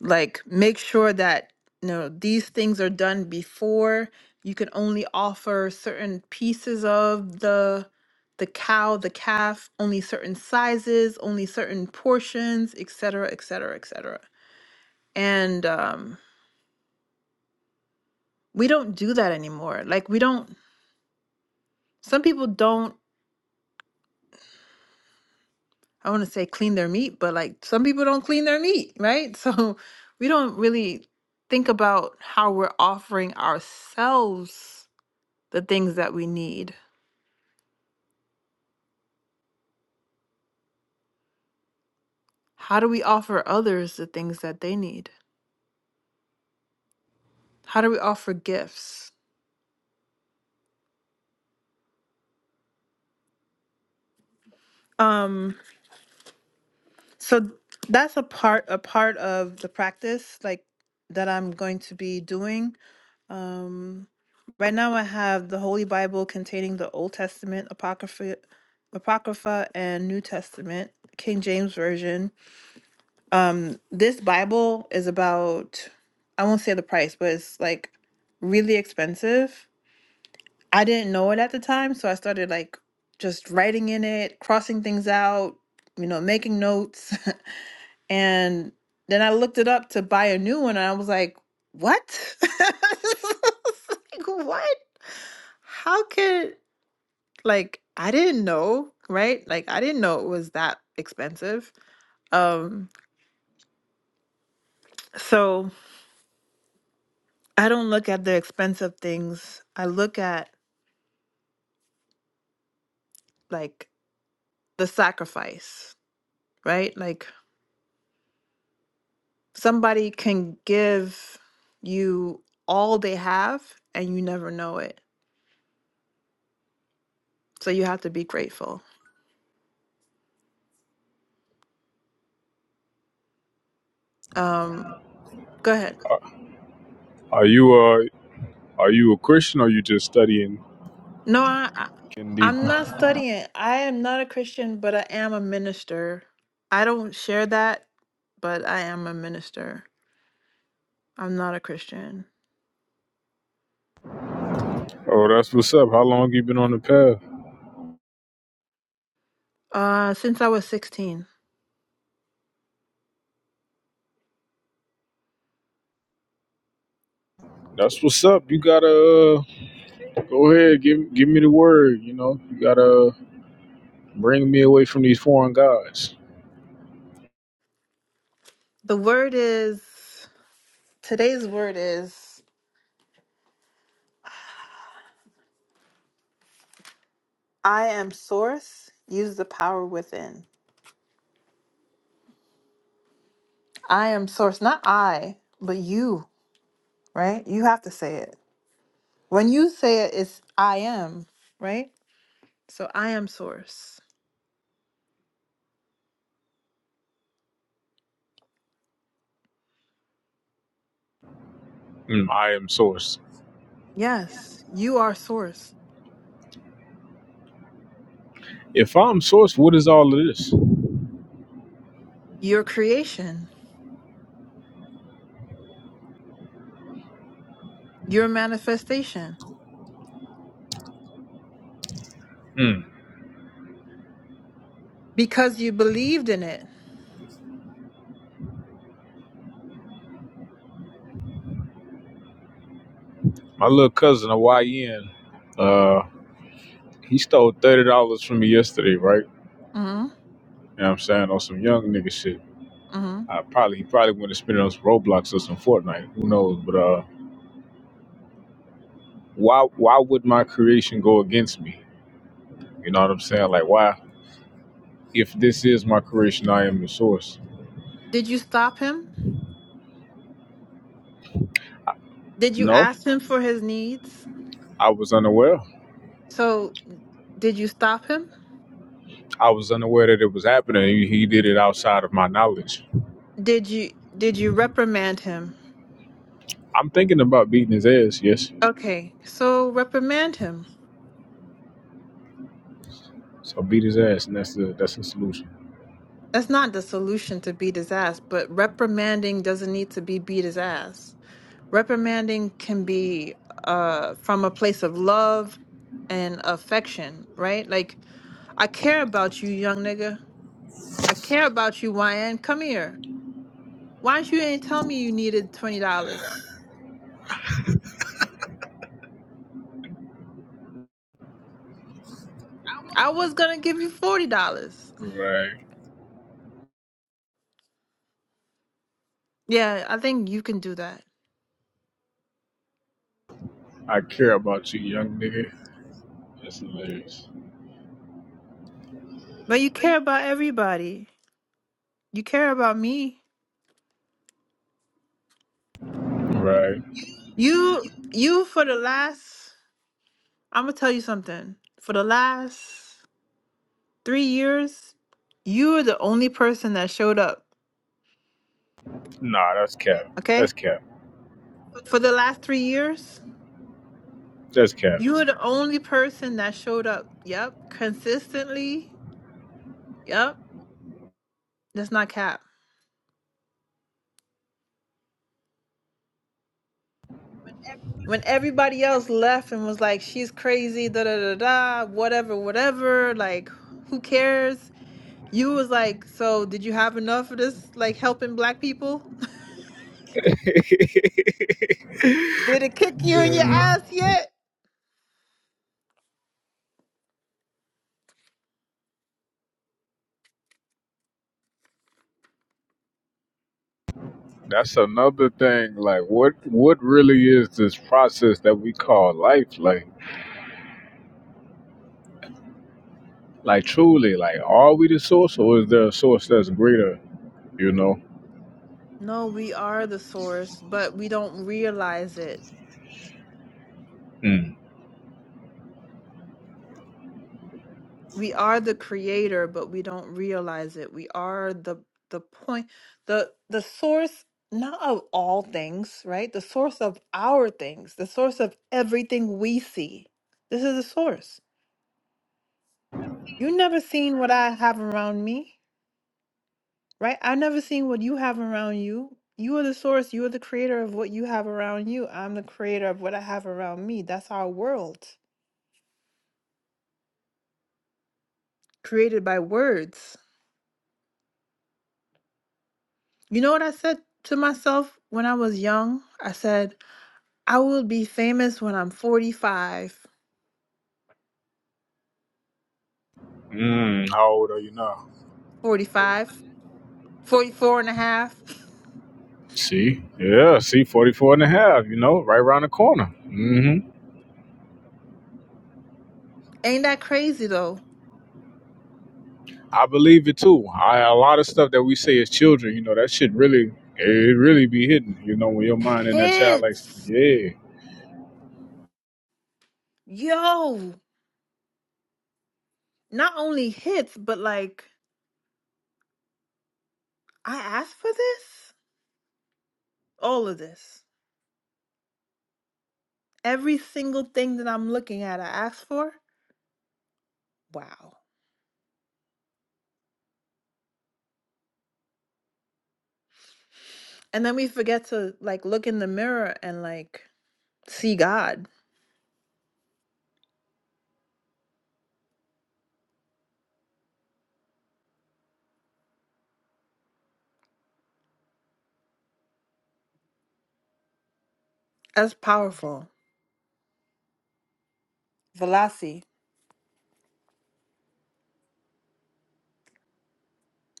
[SPEAKER 1] like make sure that you know these things are done before you can only offer certain pieces of the the cow the calf only certain sizes only certain portions etc etc etc and um we don't do that anymore like we don't some people don't i want to say clean their meat but like some people don't clean their meat right so we don't really think about how we're offering ourselves the things that we need How do we offer others the things that they need? How do we offer gifts? Um, so that's a part a part of the practice like that I'm going to be doing. Um, right now I have the Holy Bible containing the Old Testament, Apocrypha, Apocrypha and New Testament, King James Version. Um, this Bible is about I won't say the price, but it's like really expensive I didn't know it at the time, so I started like just writing in it, crossing things out, you know, making notes. And then I looked it up to buy a new one and I was like, what? I was like, what? How could, like, I didn't know, right? Like, I didn't know it was that expensive. Um, so I don't look at the expense of things. I look at like the sacrifice, right? Like somebody can give you all they have and you never know it so you have to be grateful um go ahead
[SPEAKER 6] Are you uh are you a Christian or you just studying
[SPEAKER 1] no i I-
[SPEAKER 6] getting
[SPEAKER 1] i'm
[SPEAKER 6] deeper?
[SPEAKER 1] not studying i am not a christian but i am a minister i don't share that but i am a minister i'm not a christian
[SPEAKER 6] Oh, that's what's up. How long you been on the path?
[SPEAKER 1] uh since i was 16
[SPEAKER 6] That's what's up. You gotta uh, go ahead, give give me the word, you know. You gotta bring me away from these foreign gods.
[SPEAKER 1] the word is today's word is i am source use the power within i am source not i but you right? You have to say it. When you say it, it's I am, right? So I am source.
[SPEAKER 6] Mm, I am source.
[SPEAKER 1] Yes, you are source,
[SPEAKER 6] If I'm source, what is all of this?
[SPEAKER 1] your creation, your manifestation,
[SPEAKER 6] Mm,
[SPEAKER 1] because you believed in it.
[SPEAKER 6] my little cousin, a YN, uh, he stole thirty dollars from me yesterday, right?
[SPEAKER 1] hmm
[SPEAKER 6] You know what I'm saying? On some young nigga shit.
[SPEAKER 1] hmm
[SPEAKER 6] I probably he probably went to spend it on some Roblox or some Fortnite. Who knows? But uh why why would my creation go against me? You know what I'm saying? Like why if this is my creation, I am the source.
[SPEAKER 1] Did you stop him? Did you
[SPEAKER 6] No,
[SPEAKER 1] ask him for his needs?
[SPEAKER 6] I was unaware.
[SPEAKER 1] So did you stop him?
[SPEAKER 6] I was unaware that it was happening. He, he did it outside of my knowledge.
[SPEAKER 1] Did you did you reprimand him?
[SPEAKER 6] I'm thinking about beating his ass, yes.
[SPEAKER 1] Okay, so reprimand him.
[SPEAKER 6] So beat his ass and that's the that's the solution.
[SPEAKER 1] That's not the solution to beat his ass, but reprimanding doesn't need to be beat his ass reprimanding can be uh from a place of love and affection right like i care about you young nigga i care about you yn come here why you ain't tell me you needed $20 i was gonna give you $40
[SPEAKER 6] Right.
[SPEAKER 1] yeah i think you can do that
[SPEAKER 6] I care about you, young nigga. That's hilarious.
[SPEAKER 1] but you care about everybody you care about me
[SPEAKER 6] Right.
[SPEAKER 1] you you for the last i'm gonna tell you something for the last three years you were the only person that showed up
[SPEAKER 6] Nah, that's cap.
[SPEAKER 1] okay
[SPEAKER 6] That's cap.
[SPEAKER 1] For the last three years,
[SPEAKER 6] That's cap.
[SPEAKER 1] you were the only person that showed up. Yep. Consistently. Yep. That's not cap. When everybody else left and was like, she's crazy, da da da da, whatever, whatever, like, who cares? You was like, so did you have enough of this, like, helping black people? Did it kick you in your ass yet?
[SPEAKER 6] That's another thing. Like, what what really is this process that we call life? Like, like truly, like, are we the source, or is there a source that's greater? You know.
[SPEAKER 1] No, we are the source, but we don't realize it.
[SPEAKER 6] Mm.
[SPEAKER 1] we are the creator but we don't realize it we are the the point the the source not of all things right the source of our things the source of everything we see this is the source you never seen what i have around me right i've never seen what you have around you you are the source you are the creator of what you have around you i'm the creator of what i have around me that's our world created by words you know what i said to myself when i was young i said I will be famous when I'm forty-five,
[SPEAKER 6] Mm, how old are you now?
[SPEAKER 1] forty-five, forty-four and a half.
[SPEAKER 6] See, yeah, see, forty-four and a half. you know, right around the corner. hmm
[SPEAKER 1] Ain't that crazy though?
[SPEAKER 6] I believe it too. I, a lot of stuff that we say as children, you know, that shit really, it really be hidden, you know, when your mind and that
[SPEAKER 1] Hit,
[SPEAKER 6] child, like, yeah.
[SPEAKER 1] yo, not only hits, but like I asked for this, all of this, every single thing that I'm looking at, I asked for. Wow. And then we forget to like look in the mirror and like see God. That's powerful. Velasi,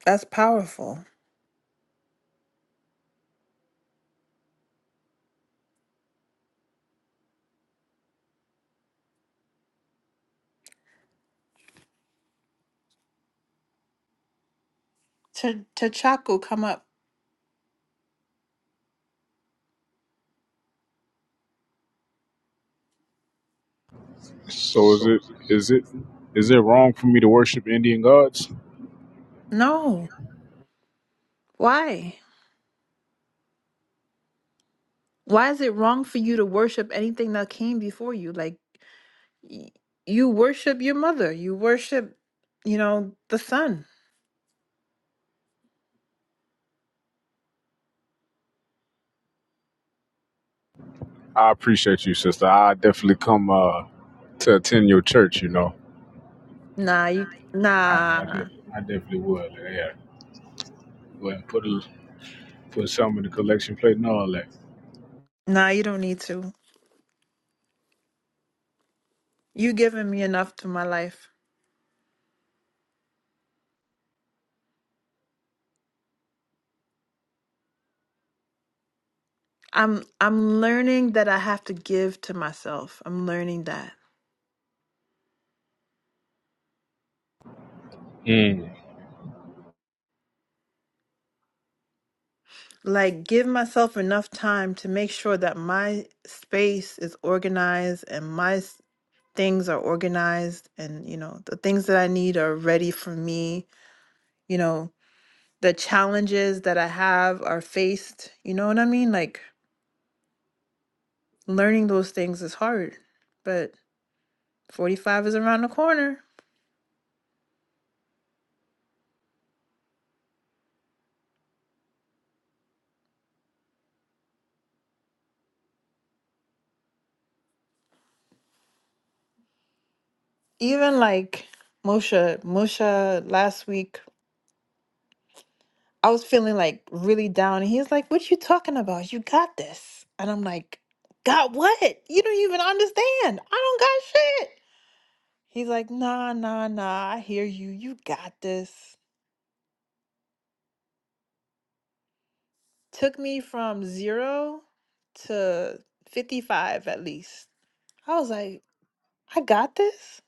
[SPEAKER 1] that's powerful. T- T'Chaku, come up.
[SPEAKER 6] So is it, is it, is it wrong for me to worship Indian gods?
[SPEAKER 1] No, why? Why is it wrong for you to worship anything that came before you? Like y- you worship your mother, you worship, you know, the sun.
[SPEAKER 6] I appreciate you, sister. I definitely come uh, to attend your church. You know,
[SPEAKER 1] Nah, you
[SPEAKER 6] I, I,
[SPEAKER 1] nah,
[SPEAKER 6] def- I definitely would. Yeah, go ahead and put a, put some in the collection plate and all that.
[SPEAKER 1] nah, you don't need to. You giving me enough to my life. I'm I'm learning that I have to give to myself. I'm learning that.
[SPEAKER 6] Mm.
[SPEAKER 1] Like give myself enough time to make sure that my space is organized and my s- things are organized and you know, the things that I need are ready for me, you know, the challenges that I have are faced. You know what I mean? Like learning those things is hard, but 45 is around the corner. Even like Moshe, Moshe last week, I was feeling like really down. And he's like, What you talking about? You got this. And I'm like, Got what? You don't even understand. I don't got shit. He's like, Nah, nah, nah. I hear you. You got this. Took me from zero to 55 at least I was like, I got this.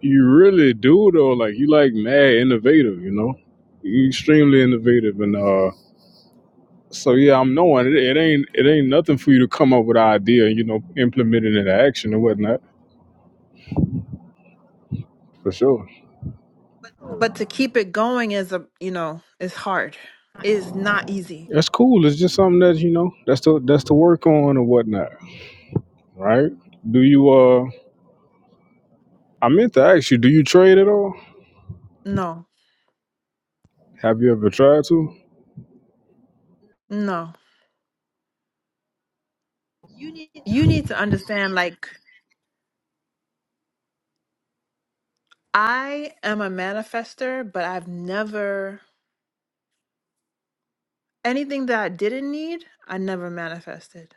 [SPEAKER 6] You really do though. Like you like mad innovative. You know, you extremely innovative and uh. So yeah, I'm knowing it, it ain't it ain't nothing for you to come up with an idea. You know, implement it into action and whatnot. For sure.
[SPEAKER 1] But to keep it going is a, you know, is hard. Is not easy.
[SPEAKER 6] That's cool. It's just something that you know that's to that's to work on and whatnot, right? Do you uh? I meant to ask you, do you trade at all?
[SPEAKER 1] No,
[SPEAKER 6] Have you ever tried to?
[SPEAKER 1] no. You need to understand, like, I am a manifester, but I've never, anything that I didn't need, I never manifested.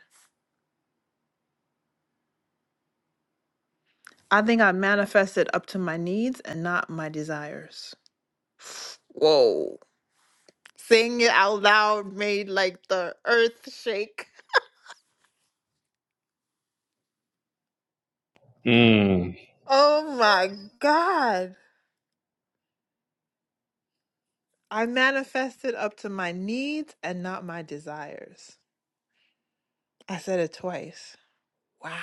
[SPEAKER 1] I think I manifested up to my needs and not my desires. Whoa. Saying it out loud made like the earth shake.
[SPEAKER 6] Mm.
[SPEAKER 1] Oh my God. I manifested up to my needs and not my desires. I said it twice. Wow.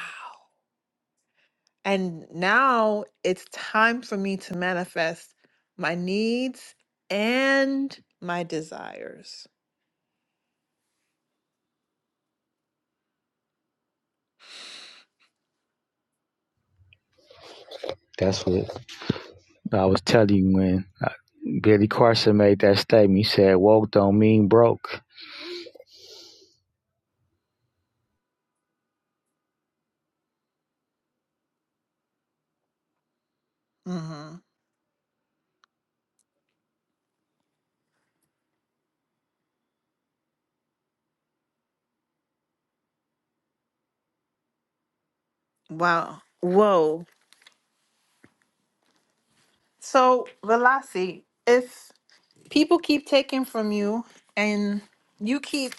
[SPEAKER 1] And now it's time for me to manifest my needs and my desires.
[SPEAKER 4] That's what I was telling you when uh, Billy Carson made that statement. He said, "Woke don't mean broke."
[SPEAKER 1] hmm Wow. Whoa. So, Velasi, if people keep taking from you and you keep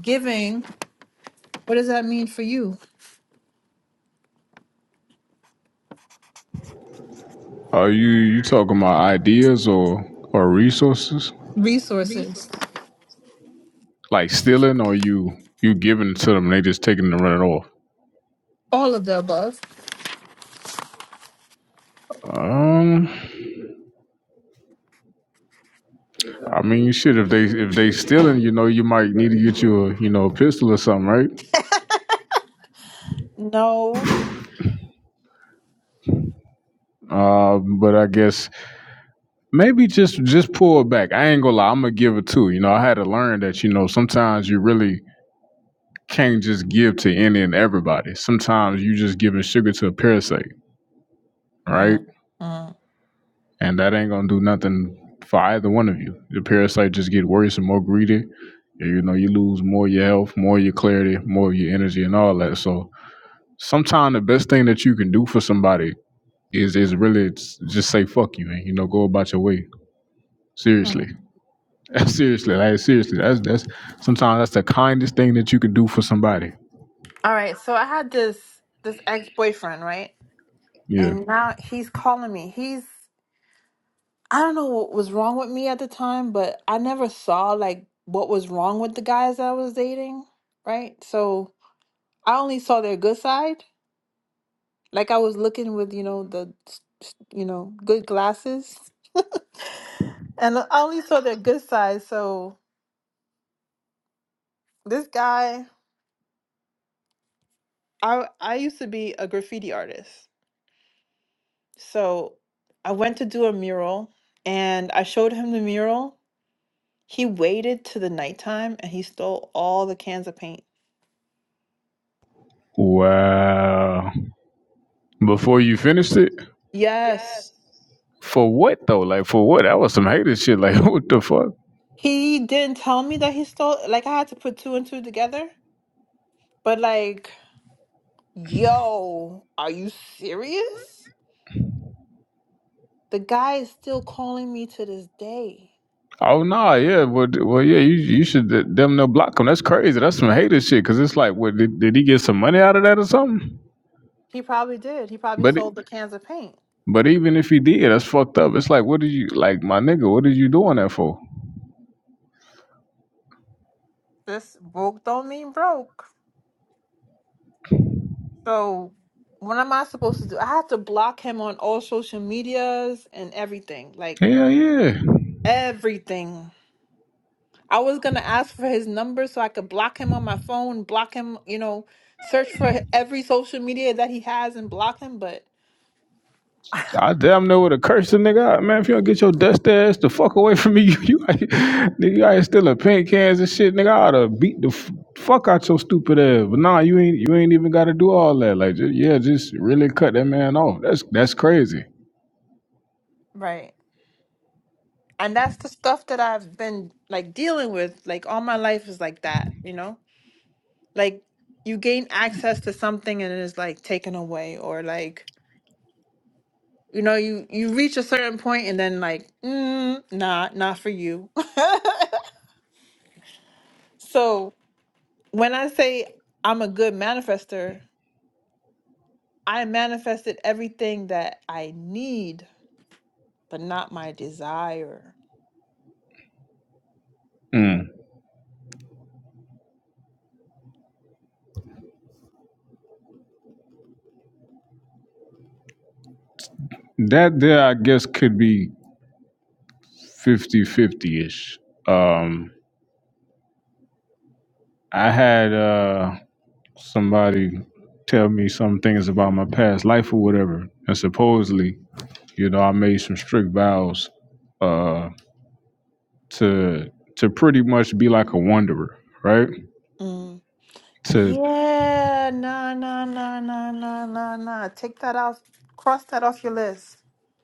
[SPEAKER 1] giving, what does that mean for you?
[SPEAKER 6] Are you you talking about ideas or or resources?
[SPEAKER 1] Resources,
[SPEAKER 6] Like stealing or you you giving it to them, they just taking it and running off?
[SPEAKER 1] all of the above.
[SPEAKER 6] Um I mean you should if they if they stealing, you know, you might need to get you a you know, a pistol or something, right?
[SPEAKER 1] No.
[SPEAKER 6] Um, but I guess maybe just just pull it back. I ain't gonna lie, I'm gonna give it to. You know, I had to learn that, you know, sometimes you really can't just give to any and everybody. Sometimes you just giving sugar to a parasite, right? And that ain't gonna do nothing for either one of you. The parasite just get worse and more greedy. You know, you lose more of your health, more of your clarity, more of your energy, and all that. So sometimes the best thing that you can do for somebody is is really just say fuck you and you know go about your way. Seriously, seriously, like seriously. That's that's sometimes that's the kindest thing that you can do for somebody.
[SPEAKER 1] All right, so I had this this ex-boyfriend, right?
[SPEAKER 6] Yeah.
[SPEAKER 1] And now he's calling me. He's I don't know what was wrong with me at the time, but I never saw like what was wrong with the guys that I was dating, right? So I only saw their good side. Like I was looking with, you know, the s- s- you know, good glasses. And I only saw their good side. So this guy, I I used to be a graffiti artist. So I went to do a mural and I showed him the mural. He waited to the nighttime and he stole all the cans of paint.
[SPEAKER 6] Wow. Before you finished it?
[SPEAKER 1] Yes.
[SPEAKER 6] For what though? Like for what? That was some hater shit. Like what the fuck?
[SPEAKER 1] He didn't tell me that he stole like I had to put two and two together. But like, yo, are you serious? The guy is still calling me to this day.
[SPEAKER 6] Oh nah, yeah, but well, yeah, you you should d- damn near block him. That's crazy. That's some hater shit. Cause it's like, what did, did he get some money out of that or something?
[SPEAKER 1] He probably did. He probably
[SPEAKER 6] But it,
[SPEAKER 1] stole the cans of paint.
[SPEAKER 6] but even if he did, that's fucked up. It's like, what did you like, my nigga? What are you doing that for?
[SPEAKER 1] This broke don't mean broke. So what am I supposed to do? I have to block him on all social medias and everything. Like
[SPEAKER 6] Hell yeah.
[SPEAKER 1] everything. I was gonna ask for his number so I could block him on my phone, block him, you know, search for every social media that he has and block him, but
[SPEAKER 6] I damn near would have cursed the nigga out, man. If you don't get your dust ass the fuck away from me, you, you out here- nigga, you out here stealing paint cans and shit, nigga. I oughta beat the f- fuck out your stupid ass. But nah, you ain't you ain't even gotta do all that. Like, just, yeah, just really cut that man off. That's that's crazy.
[SPEAKER 1] right. And that's the stuff that I've been like dealing with. Like all my life is like that, you know? Like you gain access to something and it is like taken away or like You know, you you reach a certain point and then like, mm, nah, not for you. so when I say I'm a good manifester, I manifested everything that I need, but not my desire.
[SPEAKER 6] Mm. That there, I guess, could be 50-50 ish. Um, I had uh somebody tell me some things about my past life or whatever, and supposedly You know, I made some strict vows uh, to to pretty much be like a wanderer, right?
[SPEAKER 1] Mm.
[SPEAKER 6] To
[SPEAKER 1] Yeah, nah, nah, nah, nah, nah, nah, nah. Take that off. Cross that off your list.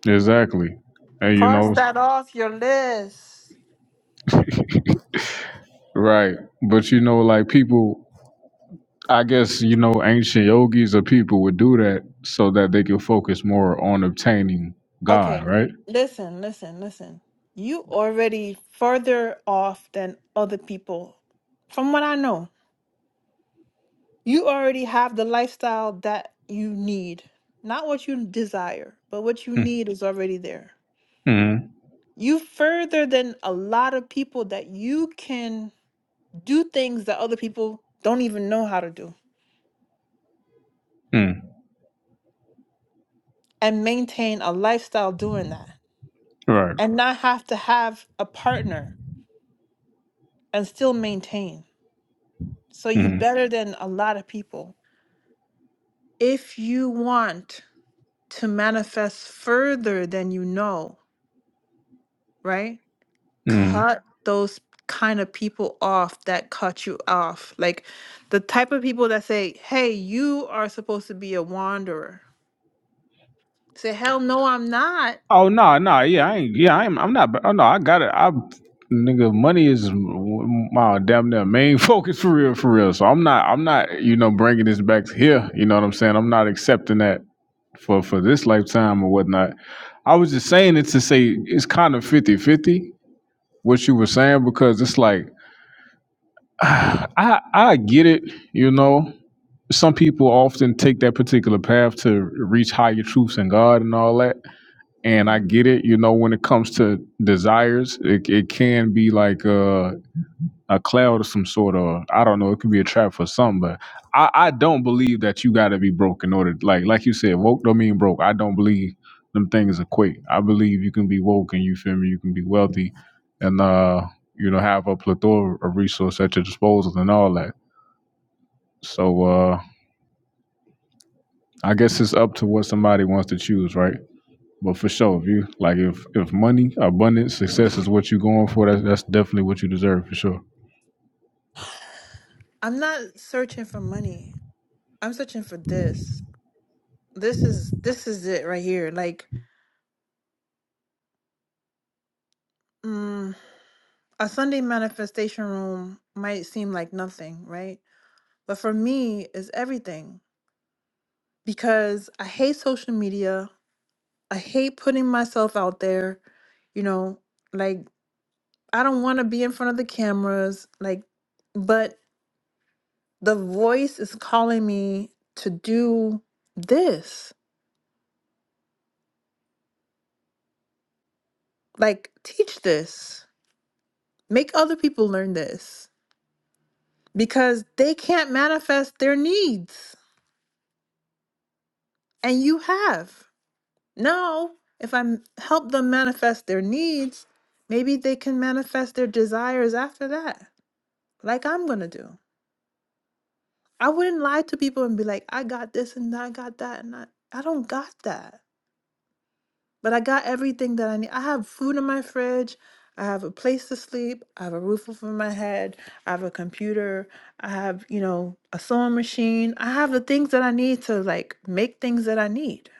[SPEAKER 6] exactly, and you
[SPEAKER 1] Cross
[SPEAKER 6] know,
[SPEAKER 1] that off your list.
[SPEAKER 6] right. But you know, like people, I guess you know, ancient yogis or people would do that so that they could focus more on obtaining God, right?
[SPEAKER 1] Listen, listen, listen. You already further off than other people, from what I know. You already have the lifestyle that you need. Not what you desire, but what you need is already there.
[SPEAKER 6] Mm-hmm.
[SPEAKER 1] You further than a lot of people that you can do things that other people don't even know how to do
[SPEAKER 6] Mm,
[SPEAKER 1] and maintain a lifestyle doing that
[SPEAKER 6] Right.
[SPEAKER 1] and not have to have a partner and still maintain. So you better than a lot of people. If you want to manifest further than you know, right?
[SPEAKER 6] Mm-hmm.
[SPEAKER 1] cut those kind of people off that cut you off. Like the type of people that say, hey, you are supposed to be a wanderer. Say, hell no, I'm not.
[SPEAKER 6] Oh no, no, yeah, I ain't, yeah, I'm, I'm not. Oh no, I got it. I, nigga, money is my damn near main focus for real, for real. So I'm not, I'm not, you know, bringing this back to here. You know what I'm saying? I'm not accepting that for for this lifetime or whatnot. I was just saying it to say it's kind of fifty-fifty what you were saying because it's like I I get it, you know. Some people often take that particular path to reach higher truths in God and all that and I get it. You know, when it comes to desires, it, it can be like a, a cloud of some sort, or I don't know. It could be a trap for some, but I, I don't believe that you got to be broke in order. Like like you said, woke don't mean broke. I don't believe them things equate. I believe you can be woke and you feel me. You can be wealthy, and uh, you know, have a plethora of resources at your disposal and all that. So uh, I guess it's up to what somebody wants to choose, right? But for sure, if you like, if if money, abundance, success is what you're going for, that's that's definitely what you deserve for sure.
[SPEAKER 1] I'm not searching for money. I'm searching for this. This is this is it right here. Like mm, a Sunday manifestation room might seem like nothing, right? But for me, it's everything because I hate social media. I hate putting myself out there. You know, like. I don't want to be in front of the cameras, like, but the voice is calling me to do this. Like, teach this, make other people learn this because they can't manifest their needs, and you have. Now, if I m- help them manifest their needs, maybe they can manifest their desires after that, like I'm gonna do. I wouldn't lie to people and be like, I got this and I got that, and I, I don't got that. But I got everything that I need. I have food in my fridge. I have a place to sleep. I have a roof over my head. I have a computer. I have, you know, a sewing machine. I have the things that I need to like make things that I need.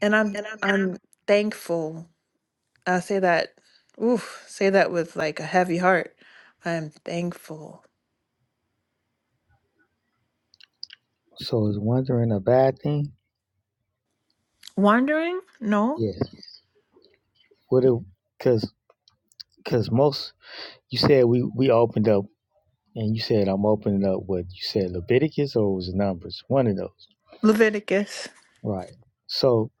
[SPEAKER 1] And I'm Yeah. I'm thankful. I say that, oof, say that with like a heavy heart. I am thankful.
[SPEAKER 4] So is wondering a bad thing?
[SPEAKER 1] Wandering? No.
[SPEAKER 4] Yes. What it cause cause most you said we we opened up and you said I'm opening up what you said Leviticus or was it numbers? One of those.
[SPEAKER 1] Leviticus.
[SPEAKER 4] Right. So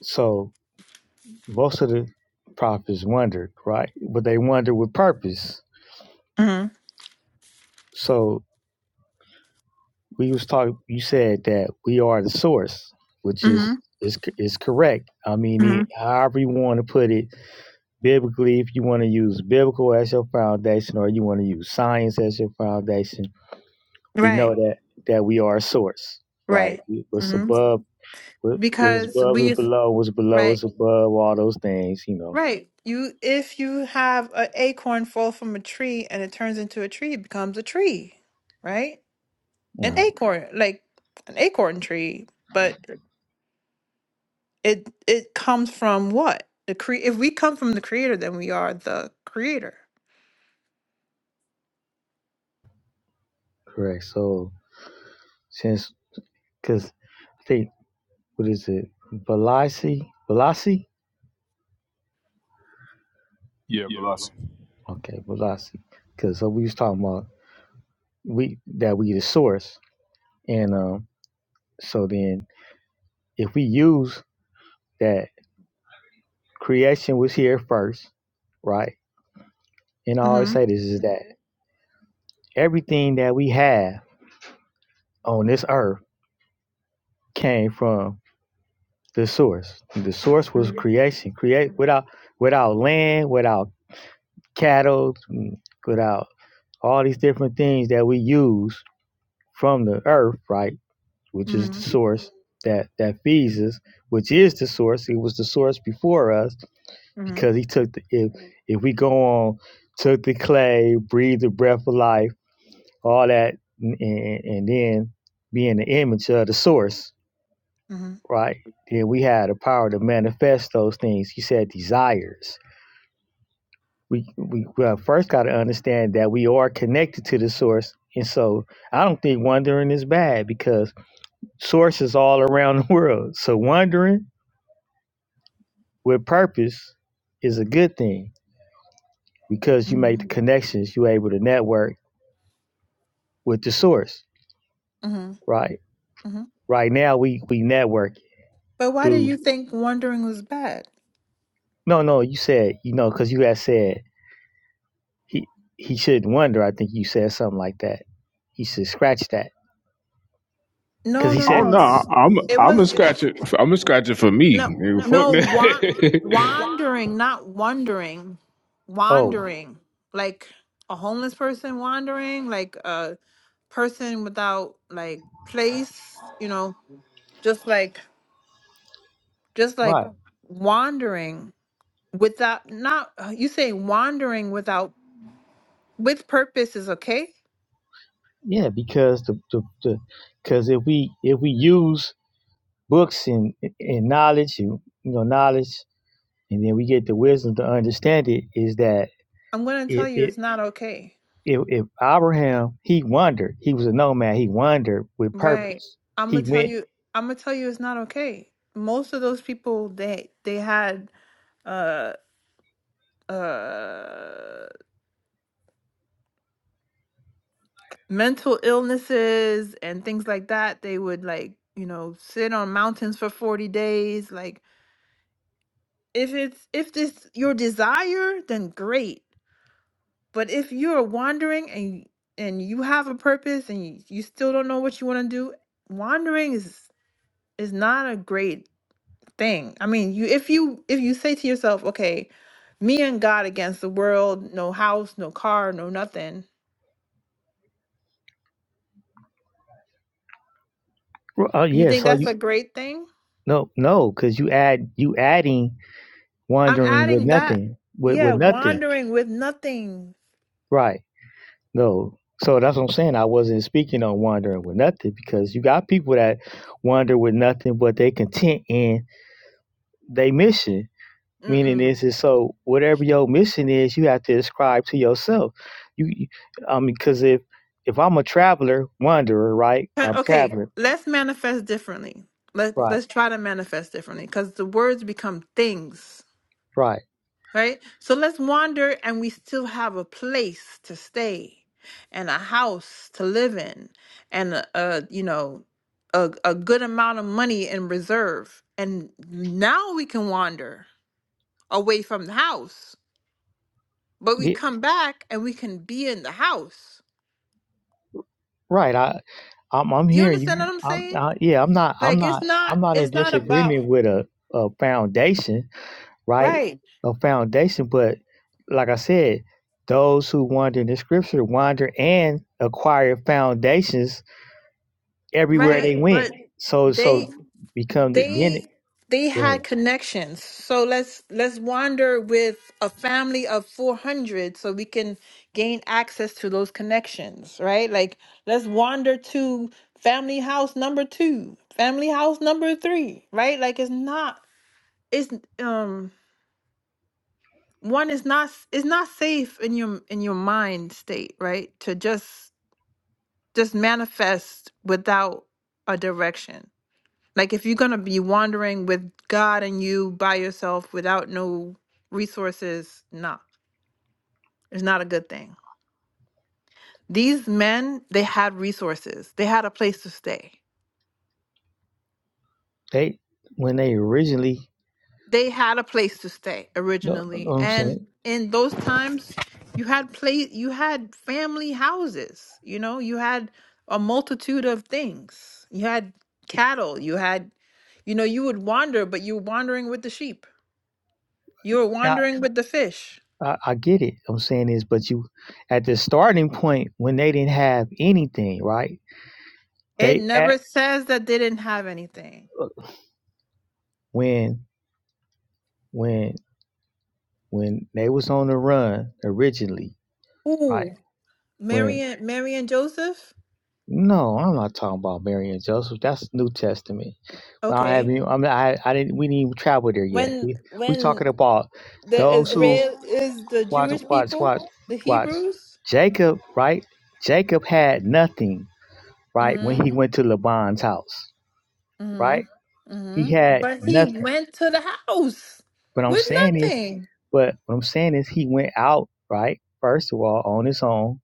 [SPEAKER 4] so most of the prophets wondered, right? But they wondered with purpose.
[SPEAKER 1] Mm-hmm.
[SPEAKER 4] So we was talking you said that we are the source, which
[SPEAKER 1] Mm-hmm.
[SPEAKER 4] is is c- is correct. I mean, it,
[SPEAKER 1] Mm-hmm.
[SPEAKER 4] however you want to put it, biblically, if you want to use biblical as your foundation, or you want to use science as your foundation, we know
[SPEAKER 1] Right.
[SPEAKER 4] that that we are a source, right?
[SPEAKER 1] Right.
[SPEAKER 4] What's
[SPEAKER 1] Mm-hmm.
[SPEAKER 4] above, what- what's
[SPEAKER 1] Because
[SPEAKER 4] above is
[SPEAKER 1] we
[SPEAKER 4] below. What's below
[SPEAKER 1] right.
[SPEAKER 4] is above. All those things, you know.
[SPEAKER 1] Right. You if you have an acorn fall from a tree and it turns into a tree, it becomes a tree, right? An
[SPEAKER 4] Right.
[SPEAKER 1] acorn, like an acorn tree, but it it comes from what? The cre if we come from the creator, then we are the creator.
[SPEAKER 4] Correct. So since, because I think what is it, Velasi, Velasi?
[SPEAKER 6] Yeah, Velocity.
[SPEAKER 4] Okay, Velasi. Because so we was talking about we that we the source, and um, so then if we use that creation was here first, right? And I always
[SPEAKER 1] Mm-hmm.
[SPEAKER 4] say this is that everything that we have on this earth came from the source. The source was
[SPEAKER 1] Mm-hmm.
[SPEAKER 4] creation. Create without without land, without cattle, mm, without all these different things that we use from the earth, right? Which is the
[SPEAKER 1] Mm-hmm.
[SPEAKER 4] source that that feeds us, which is the source. It was the source before us because
[SPEAKER 1] Mm-hmm.
[SPEAKER 4] he took the if if we go on took the clay, breathed the breath of life, all that, and and then being the image of the source right? Then we have the power to manifest those things. You said desires. We we well, first got to understand that we are connected to the source, and so I don't think wandering is bad because source is all around the world. So wandering with purpose is a good thing because you
[SPEAKER 1] Mm-hmm.
[SPEAKER 4] make the connections. You're able to network with the source,
[SPEAKER 1] Mm-hmm.
[SPEAKER 4] right?
[SPEAKER 1] Mm-hmm.
[SPEAKER 4] Right now we we network
[SPEAKER 1] But why did
[SPEAKER 4] through.
[SPEAKER 1] you think wandering was bad?
[SPEAKER 4] No, no, you said you know because you had said He he shouldn't wonder. I think you said something like that. He should scratch that
[SPEAKER 1] No,
[SPEAKER 4] because
[SPEAKER 1] no,
[SPEAKER 4] he
[SPEAKER 1] no.
[SPEAKER 6] Oh no,
[SPEAKER 4] said,
[SPEAKER 6] I- I'm I'm gonna scratch it. I'm gonna scratch it for me. Nigga, fuck that.
[SPEAKER 1] wandering, not wandering,
[SPEAKER 4] "Oh,
[SPEAKER 1] wandering, like a homeless person wandering, like a person without like place, you know, just like just like
[SPEAKER 4] right,
[SPEAKER 1] wandering without not you say wandering without with purpose is okay.
[SPEAKER 4] yeah." Because the the because if we if we use books and and knowledge, you you know knowledge, and then we get the wisdom to understand it, is that
[SPEAKER 1] I'm gonna tell
[SPEAKER 4] it
[SPEAKER 1] you
[SPEAKER 4] it.
[SPEAKER 1] it's not okay.
[SPEAKER 4] If, if Abraham, he wandered. He was a nomad. He wandered with
[SPEAKER 1] Right.
[SPEAKER 4] purpose.
[SPEAKER 1] I'm gonna
[SPEAKER 4] He
[SPEAKER 1] tell
[SPEAKER 4] went.
[SPEAKER 1] you I'm gonna tell you it's not okay. Most of those people they they had uh uh mental illnesses and things like that they would like you know sit on mountains for 40 days like if it's if this your desire then great but if you're wandering and and you have a purpose and you, you still don't know what you want to do wandering is is not a great thing i mean you if you if you say to yourself okay me and god against the world no house no car no nothing
[SPEAKER 4] well, Oh
[SPEAKER 1] you
[SPEAKER 4] yeah.
[SPEAKER 1] think
[SPEAKER 4] So
[SPEAKER 1] that's a
[SPEAKER 4] you
[SPEAKER 1] great thing
[SPEAKER 4] no no because you add you adding
[SPEAKER 1] I'm
[SPEAKER 4] wandering with
[SPEAKER 1] adding that.
[SPEAKER 4] nothing with
[SPEAKER 1] Yeah,
[SPEAKER 4] with nothing.
[SPEAKER 1] wandering with nothing.
[SPEAKER 4] Right. No. So that's what I'm saying. I wasn't speaking on wandering with nothing because you got people that wander with nothing, but they content in their mission. Meaning
[SPEAKER 1] Mm-mm.
[SPEAKER 4] is is so whatever your mission is, you have to ascribe to yourself. You, you I mean, because if if I'm a traveler, wanderer, right?
[SPEAKER 1] Uh,
[SPEAKER 4] I'm
[SPEAKER 1] Okay,
[SPEAKER 4] traveling,
[SPEAKER 1] let's manifest differently. Let
[SPEAKER 4] right,
[SPEAKER 1] let's try to manifest differently because the words become things,
[SPEAKER 4] right,
[SPEAKER 1] right? So let's wander, and we still have a place to stay, and a house to live in, and a, a you know a a good amount of money in reserve, and now we can wander away from the house, but we
[SPEAKER 4] yeah,
[SPEAKER 1] come back and we can be in the house
[SPEAKER 4] right. I, I'm I'm
[SPEAKER 1] Do You
[SPEAKER 4] hearing
[SPEAKER 1] understand
[SPEAKER 4] you.
[SPEAKER 1] what I'm
[SPEAKER 4] I'm
[SPEAKER 1] saying?
[SPEAKER 4] I, yeah. I'm not. I'm
[SPEAKER 1] Like it's
[SPEAKER 4] not.
[SPEAKER 1] not
[SPEAKER 4] I'm not in
[SPEAKER 1] it's not about
[SPEAKER 4] disagreement with a, a foundation right?
[SPEAKER 1] right,
[SPEAKER 4] A foundation, but like I said, those who wander in the scripture wander and acquire foundations everywhere
[SPEAKER 1] right.
[SPEAKER 4] they went.
[SPEAKER 1] But
[SPEAKER 4] So
[SPEAKER 1] they
[SPEAKER 4] so become the then
[SPEAKER 1] they
[SPEAKER 4] it,
[SPEAKER 1] they
[SPEAKER 4] go
[SPEAKER 1] had
[SPEAKER 4] ahead.
[SPEAKER 1] connections. So let's let's wander with a family of 400 so we can gain access to those connections, right? Like let's wander to family house number 2, family house number 3, right? Like it's not it's um one is not it's not safe in your in your mind state, right? To just just manifest without a direction. Like if you're gonna be wandering with God and you by yourself without no resources, nah, it's not a good thing. These men, they had resources. They had a place to stay.
[SPEAKER 4] They when they originally
[SPEAKER 1] they had a place to stay
[SPEAKER 4] no, no, no,
[SPEAKER 1] originally
[SPEAKER 4] I'm
[SPEAKER 1] and
[SPEAKER 4] saying
[SPEAKER 1] in those times you had place you had family houses you know you had a multitude of things you had cattle you had you know you would wander but you were wandering with the sheep you were
[SPEAKER 4] I,
[SPEAKER 1] wandering with the fish
[SPEAKER 4] I I get it. I'm saying this, but you at the starting point when they didn't have anything, right?
[SPEAKER 1] it
[SPEAKER 4] They at
[SPEAKER 1] never says that they didn't have anything
[SPEAKER 4] when when when they was on the run originally, right?
[SPEAKER 1] ooh
[SPEAKER 4] When
[SPEAKER 1] mary and mary and joseph
[SPEAKER 4] No, I'm not talking about Mary and Joseph. That's New Testament. But I have
[SPEAKER 1] okay
[SPEAKER 4] you. I mean, I, I didn't. We didn't even travel there yet.
[SPEAKER 1] when
[SPEAKER 4] We we
[SPEAKER 1] when
[SPEAKER 4] talking about
[SPEAKER 1] the
[SPEAKER 4] those who
[SPEAKER 1] israel is the
[SPEAKER 4] watch,
[SPEAKER 1] jewish
[SPEAKER 4] watch,
[SPEAKER 1] people
[SPEAKER 4] watch,
[SPEAKER 1] the
[SPEAKER 4] watch.
[SPEAKER 1] hebrews
[SPEAKER 4] Jacob, right? Jacob had nothing, right? When he went to Laban's house,
[SPEAKER 1] hmm
[SPEAKER 4] right? He
[SPEAKER 1] hmm
[SPEAKER 4] had
[SPEAKER 1] But he
[SPEAKER 4] nothing.
[SPEAKER 1] went to the house
[SPEAKER 4] But I'm
[SPEAKER 1] with
[SPEAKER 4] saying is,
[SPEAKER 1] nothing.
[SPEAKER 4] but what I'm saying is, he went out, right? First of all, on his own,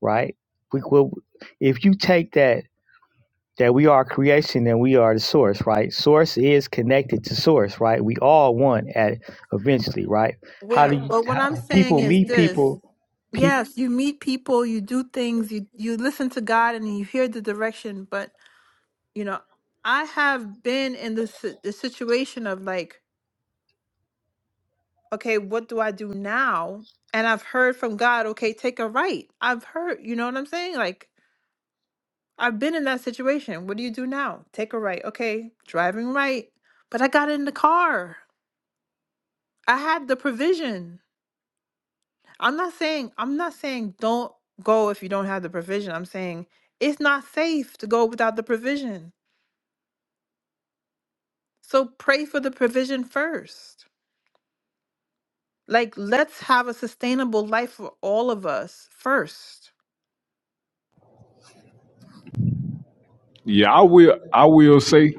[SPEAKER 4] right? We will. If you take that. that we are creation and we are the source, right? Source is connected to source, right? We all one at eventually, right? How do
[SPEAKER 1] Well,
[SPEAKER 4] you
[SPEAKER 1] but what I'm
[SPEAKER 4] how,
[SPEAKER 1] saying
[SPEAKER 4] people
[SPEAKER 1] is
[SPEAKER 4] meet
[SPEAKER 1] this.
[SPEAKER 4] people? People,
[SPEAKER 1] Yes, you meet people, you do things, you you listen to God and you hear the direction, but you know, I have been in this the situation of like, okay, what do I do now? And I've heard from God, okay, take a right. I've heard, you know what I'm saying? Like I've been in that situation. What do you do now? Take a right. Okay, driving right. But I got in the car. I had the provision. I'm not saying I'm not saying don't go if you don't have the provision. I'm saying it's not safe to go without the provision. So pray for the provision first. Like let's have a sustainable life for all of us first.
[SPEAKER 6] Yeah, I will. I will say,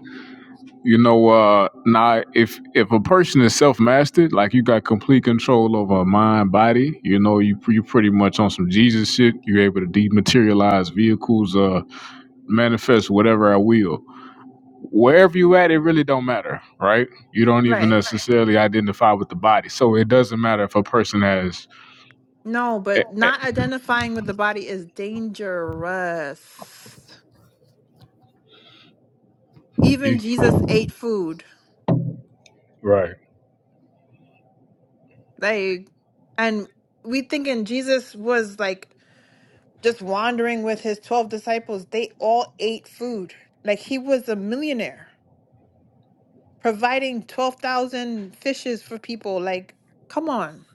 [SPEAKER 6] you know, uh, now if if a person is self mastered, like you got complete control over mind, body, you know, you you pretty much on some Jesus shit. You're able to dematerialize vehicles, uh, manifest whatever I will. wherever you at, it really don't matter, right? You don't even necessarily identify with the body, so it doesn't matter if a person has.
[SPEAKER 1] No,
[SPEAKER 6] eh,
[SPEAKER 1] but
[SPEAKER 6] eh,
[SPEAKER 1] not identifying with the body is dangerous. Even
[SPEAKER 6] he-
[SPEAKER 1] Jesus ate food.
[SPEAKER 6] Right.
[SPEAKER 1] Like and we thinking Jesus was like just wandering with his 12 disciples, they all ate food. Like he was a millionaire, providing 12,000 fishes for people. Like, come on.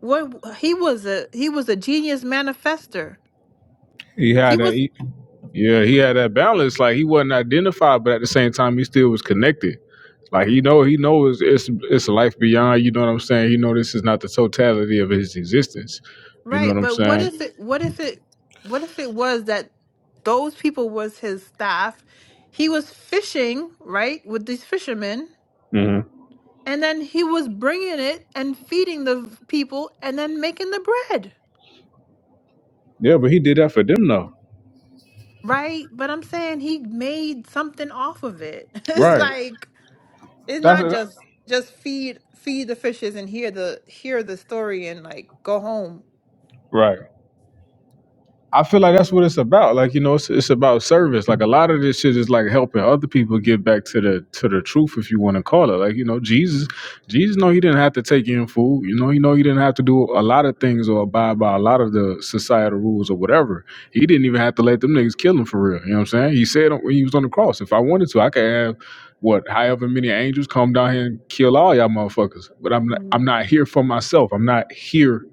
[SPEAKER 1] What he was a he was a genius manifester.
[SPEAKER 6] He had that. He, yeah, he had that balance. Like he wasn't identified, but at the same time, he still was connected. Like he know, he knows it's it's, it's a life beyond. You know what I'm saying? He know this is not the totality of his existence. You
[SPEAKER 1] Right.
[SPEAKER 6] know what I'm
[SPEAKER 1] What
[SPEAKER 6] saying?
[SPEAKER 1] if it what if it what if it was that those people was his staff? He was fishing, right, with these fishermen,
[SPEAKER 6] hmm
[SPEAKER 1] and then he was bringing it and feeding the people and then making the bread.
[SPEAKER 6] Yeah, but he did that for them though.
[SPEAKER 1] Right? But I'm saying he made something off of it. It's
[SPEAKER 6] Right.
[SPEAKER 1] like it's
[SPEAKER 6] That's
[SPEAKER 1] not
[SPEAKER 6] a,
[SPEAKER 1] just just feed feed the fishes and hear the hear the story and like go home.
[SPEAKER 6] right. I feel like that's what it's about. Like you know, it's, it's about service. Like a lot of this shit is like helping other people get back to the to the truth, if you want to call it. Like you know, Jesus, Jesus, no, he didn't have to take in food. You know, you know, he didn't have to do a lot of things or abide by a lot of the societal rules or whatever. He didn't even have to let them niggas kill him for real. You know what I'm saying? He said when he was on the cross, if I wanted to, I could have what however many angels come down here and kill all y'all motherfuckers. But I'm not, I'm not here for myself. I'm not here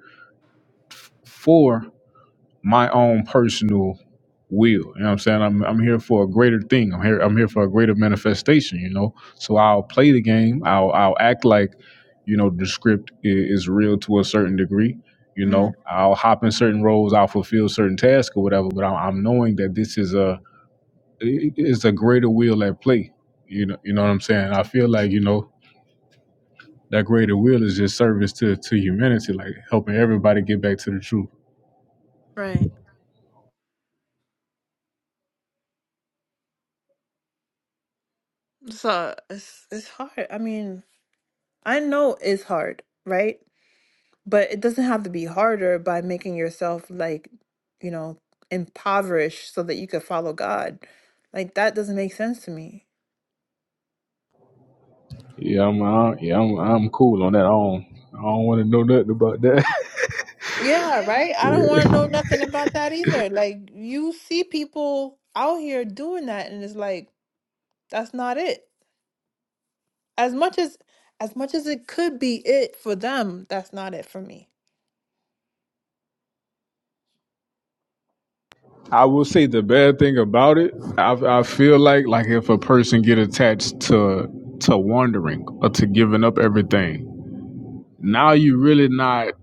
[SPEAKER 6] for my own personal will. You know what I'm saying? I'm I'm here for a greater thing. I'm here I'm here for a greater manifestation, you know. So I'll play the game. I'll I'll act like, you know, the script is, is real to a certain degree. You know, I'll hop in certain roles, I'll fulfill certain tasks or whatever, but I'm, I'm knowing that this is a it- it's a greater will at play. You know, you know what I'm saying? I feel like, you know, that greater will is just service to to humanity, like helping everybody get back to the truth.
[SPEAKER 1] Right. So it's it's hard. I mean, I know it's hard, right? But it doesn't have to be harder by making yourself like, you know, impoverished so that you could follow God. Like that doesn't make sense to me.
[SPEAKER 6] Yeah, I'm I, yeah, I'm I'm cool on that. I don't I don't want to know nothing about that.
[SPEAKER 1] Yeah, right. I don't want
[SPEAKER 6] Yeah.
[SPEAKER 1] to know nothing about that either. Like you see people out here doing that and it's like that's not it. As much as as much as it could be it for them, that's not it for me.
[SPEAKER 6] I will say the bad thing about it, I, I feel like like if a person get attached to to wandering or to giving up everything, now you're really not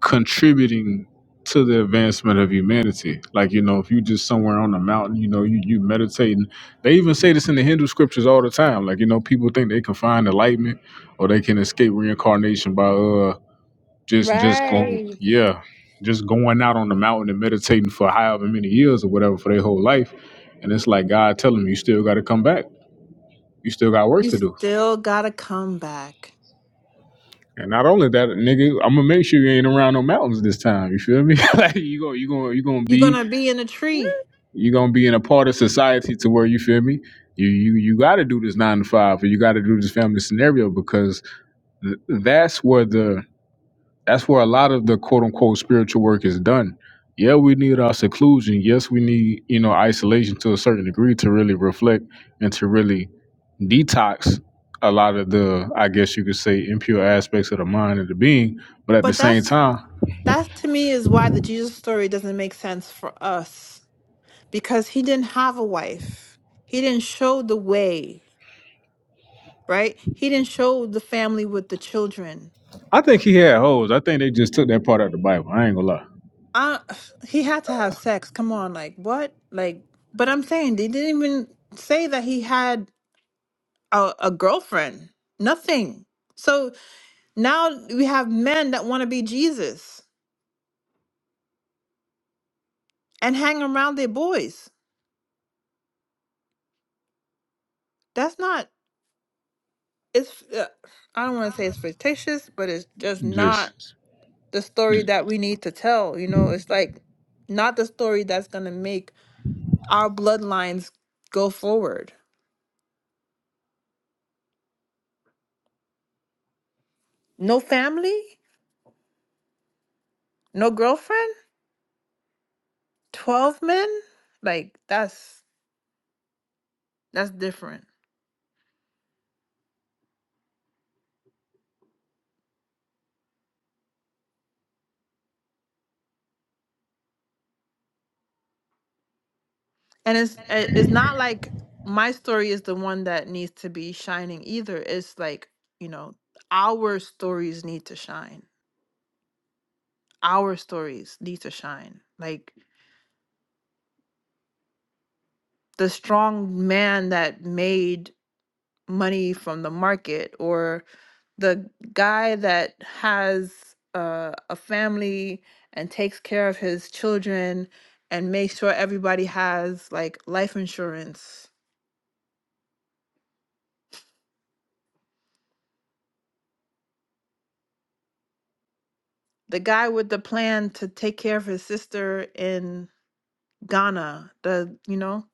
[SPEAKER 6] contributing to the advancement of humanity. Like you know, if you just somewhere on a mountain, you know, you you meditating. They even say this in the Hindu scriptures all the time. Like you know, people think they can find enlightenment or they can escape reincarnation by uh just just going
[SPEAKER 1] Right.
[SPEAKER 6] yeah just going out on the mountain and meditating for however many years or whatever for their whole life and it's like god telling them, you still got to come back you still got work to do
[SPEAKER 1] Still gotta come back.
[SPEAKER 6] and not only that nigga i'm gonna make sure you ain't around no mountains this time you feel me like you go you going you gonna be
[SPEAKER 1] Gonna be in a tree.
[SPEAKER 6] you gonna be in a part of society to where you feel me you you you got to do this nine to five or you got to do this family scenario because th- that's where the That's where a lot of the quote unquote spiritual work is done. Yeah, we need our seclusion. Yes, we need, you know, isolation to a certain degree to really reflect and to really detox a lot of the, I guess you could say, impure aspects of the mind and the being. But at the same time,
[SPEAKER 1] That to me is why the Jesus story doesn't make sense for us. Because he didn't have a wife. He didn't show the way. right? He didn't show the family with the children.
[SPEAKER 6] I think he had holes. I think they just took that part out of the Bible. I ain't gonna lie.
[SPEAKER 1] I, he had to have sex. Come on, like what? Like, but I'm saying they didn't even say that he had a, a girlfriend. Nothing. So now we have men that want to be Jesus and hang around their boys. That's not. It's. Uh, I don't want to say it's fictitious, but it's just not
[SPEAKER 6] Just,
[SPEAKER 1] the story that we need to tell. You know, it's like not the story that's gonna make our bloodlines go forward. No family? No girlfriend? 12 men? Like that's that's different. And it's it- it's not like my story is the one that needs to be shining either. It's like, you know, our stories need to shine. Our stories need to shine. Like the strong man that made money from the market or. the guy that has uh, a family and takes care of his children and makes sure everybody has like life insurance. The guy with the plan to take care of his sister in Ghana, the you know,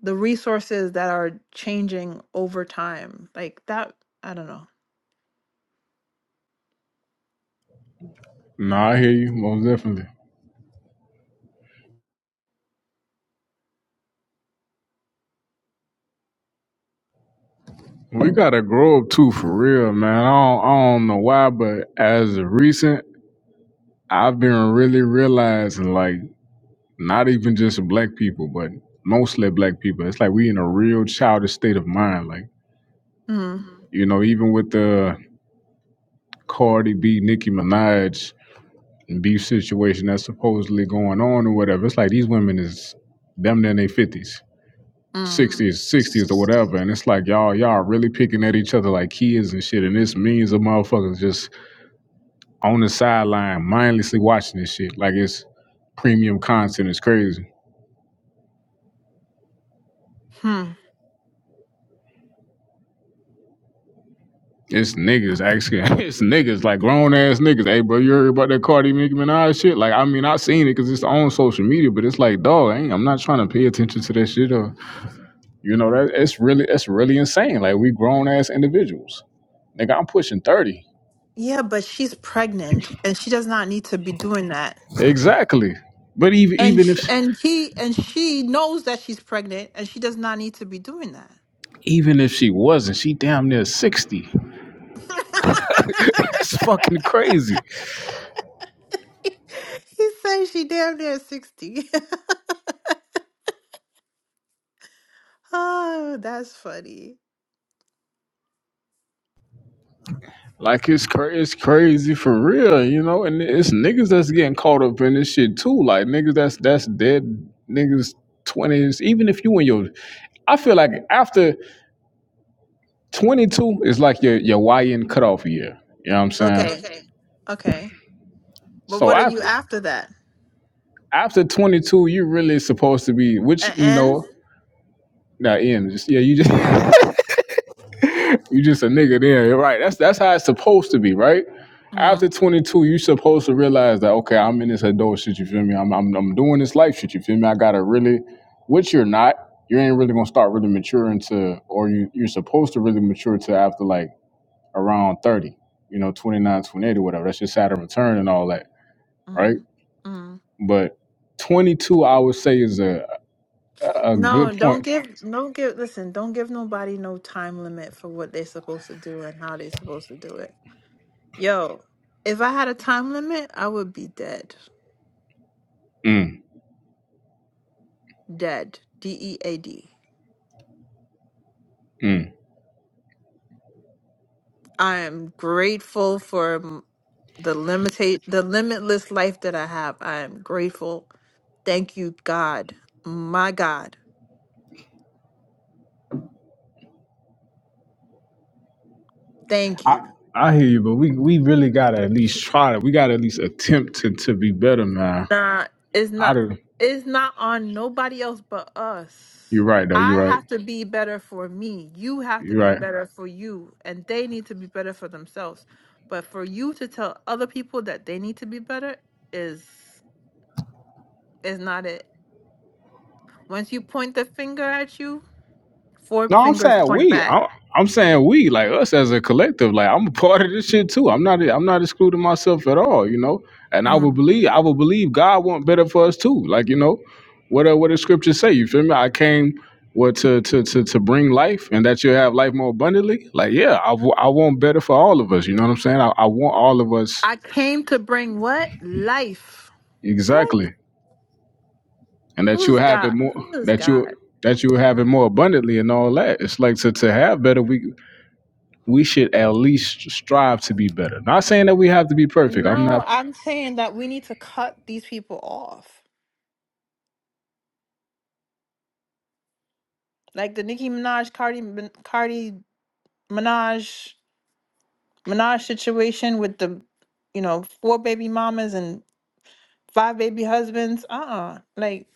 [SPEAKER 1] the resources that are changing over time. Like that, I don't know.
[SPEAKER 6] nah, I hear you, most definitely. We gotta grow up too, for real, man. I don't, I don't know why, but as of recent, I've been really realizing, like, Not even just black people, but mostly black people. It's like we in a real childish state of mind. Like,
[SPEAKER 1] Mm,
[SPEAKER 6] you know, even with the Cardi B, Nicki Minaj beef situation that's supposedly going on or whatever, it's like these women is them in their fifties,
[SPEAKER 1] mm,
[SPEAKER 6] sixties, sixties or whatever. And it's like y'all, y'all really picking at each other like kids and shit. And this means of motherfuckers just on the sideline mindlessly watching this shit. Like it's premium content. It's crazy.
[SPEAKER 1] hmm.
[SPEAKER 6] It's niggas asking. It's niggas like grown ass niggas. Hey, bro, you heard about that Cardi Nicki Minaj shit? Like, I mean, I seen it because it's on social media, but it's like, dog, ain't I'm not trying to pay attention to that shit. Or, you know, that it's really it's really insane. Like, we grown ass individuals. Nigga, I'm pushing thirty.
[SPEAKER 1] Yeah, but she's pregnant and she does not need to be doing that.
[SPEAKER 6] Exactly. But even even if
[SPEAKER 1] and he and she knows that she's pregnant and she does not need to be doing that
[SPEAKER 6] even if she wasn't, she damn near sixty. That's fucking crazy.
[SPEAKER 1] he says she damn near 60 oh that's funny
[SPEAKER 6] Like it's cra- it's crazy for real, you know. And it's niggas that's getting caught up in this shit too. Like niggas that's that's dead niggas twenties. Even if you in your, I feel like after twenty two is like your your YN cutoff year. You know what I'm saying?
[SPEAKER 1] okay okay
[SPEAKER 6] So
[SPEAKER 1] but you
[SPEAKER 6] after
[SPEAKER 1] after that
[SPEAKER 6] after 22, you really supposed to be, which you know, not in. Just, yeah, you just. You just a nigga then, you're right? That's that's how it's supposed to be, right? After 22, you supposed to realize that okay, I'm in this adult shit. You feel me? I'm I'm, I'm doing this life shit. You feel me? I gotta really, which you're not. You ain't really gonna start really maturing to, or you you're supposed to really mature to after like around 30. You know, 29, 28, or whatever. That's your Saturn return and all that, right?
[SPEAKER 1] Mm.
[SPEAKER 6] But 22, I would say, is a a a good
[SPEAKER 1] don't
[SPEAKER 6] point.
[SPEAKER 1] give no give listen don't give nobody no time limit for what they're supposed to do and how they're supposed to do it yo if i had a time limit i would be dead
[SPEAKER 6] Mm,
[SPEAKER 1] dead d-e-a-d
[SPEAKER 6] mm.
[SPEAKER 1] I am grateful for m- the limitate the limitless life that I have. I am grateful. Thank you, God. My God. Thank you.
[SPEAKER 6] I I hear you, but we we really gotta at least try to. We gotta at least attempt to to be better, man.
[SPEAKER 1] Not it's
[SPEAKER 6] I
[SPEAKER 1] not
[SPEAKER 6] do.
[SPEAKER 1] it's not on nobody else but us.
[SPEAKER 6] You're right, though. You're
[SPEAKER 1] I
[SPEAKER 6] right.
[SPEAKER 1] have to be better for me. You have to
[SPEAKER 6] You're
[SPEAKER 1] be
[SPEAKER 6] right.
[SPEAKER 1] better for you. And they need to be better for themselves. But for you to tell other people that they need to be better is is not it. Once you point the finger at you,
[SPEAKER 6] No, I'm saying we. I'm, I'm saying we, like us as a collective. Like I'm a part of this shit too. I'm not. I'm not excluding myself at all. You know. And I would believe. I would believe God want better for us too. Like you know, what uh, what the scriptures say. You feel me? I came. What to, to to to bring life and that you have life more abundantly? Like yeah, I, w- I want better for all of us. You know what I'm saying? I, I want all of us
[SPEAKER 1] I came to bring what? Life.
[SPEAKER 6] Exactly. And that you have it more that you that you have it more abundantly and all that. It's like to, to have better we we should at least strive to be better. Not saying that we have to be perfect. I'm
[SPEAKER 1] No,
[SPEAKER 6] not
[SPEAKER 1] I'm saying that we need to cut these people off. Like the Nicki Minaj, Cardi, Cardi Minaj, Minaj situation with the, you know, four baby mamas and five baby husbands. Uh-uh. Like,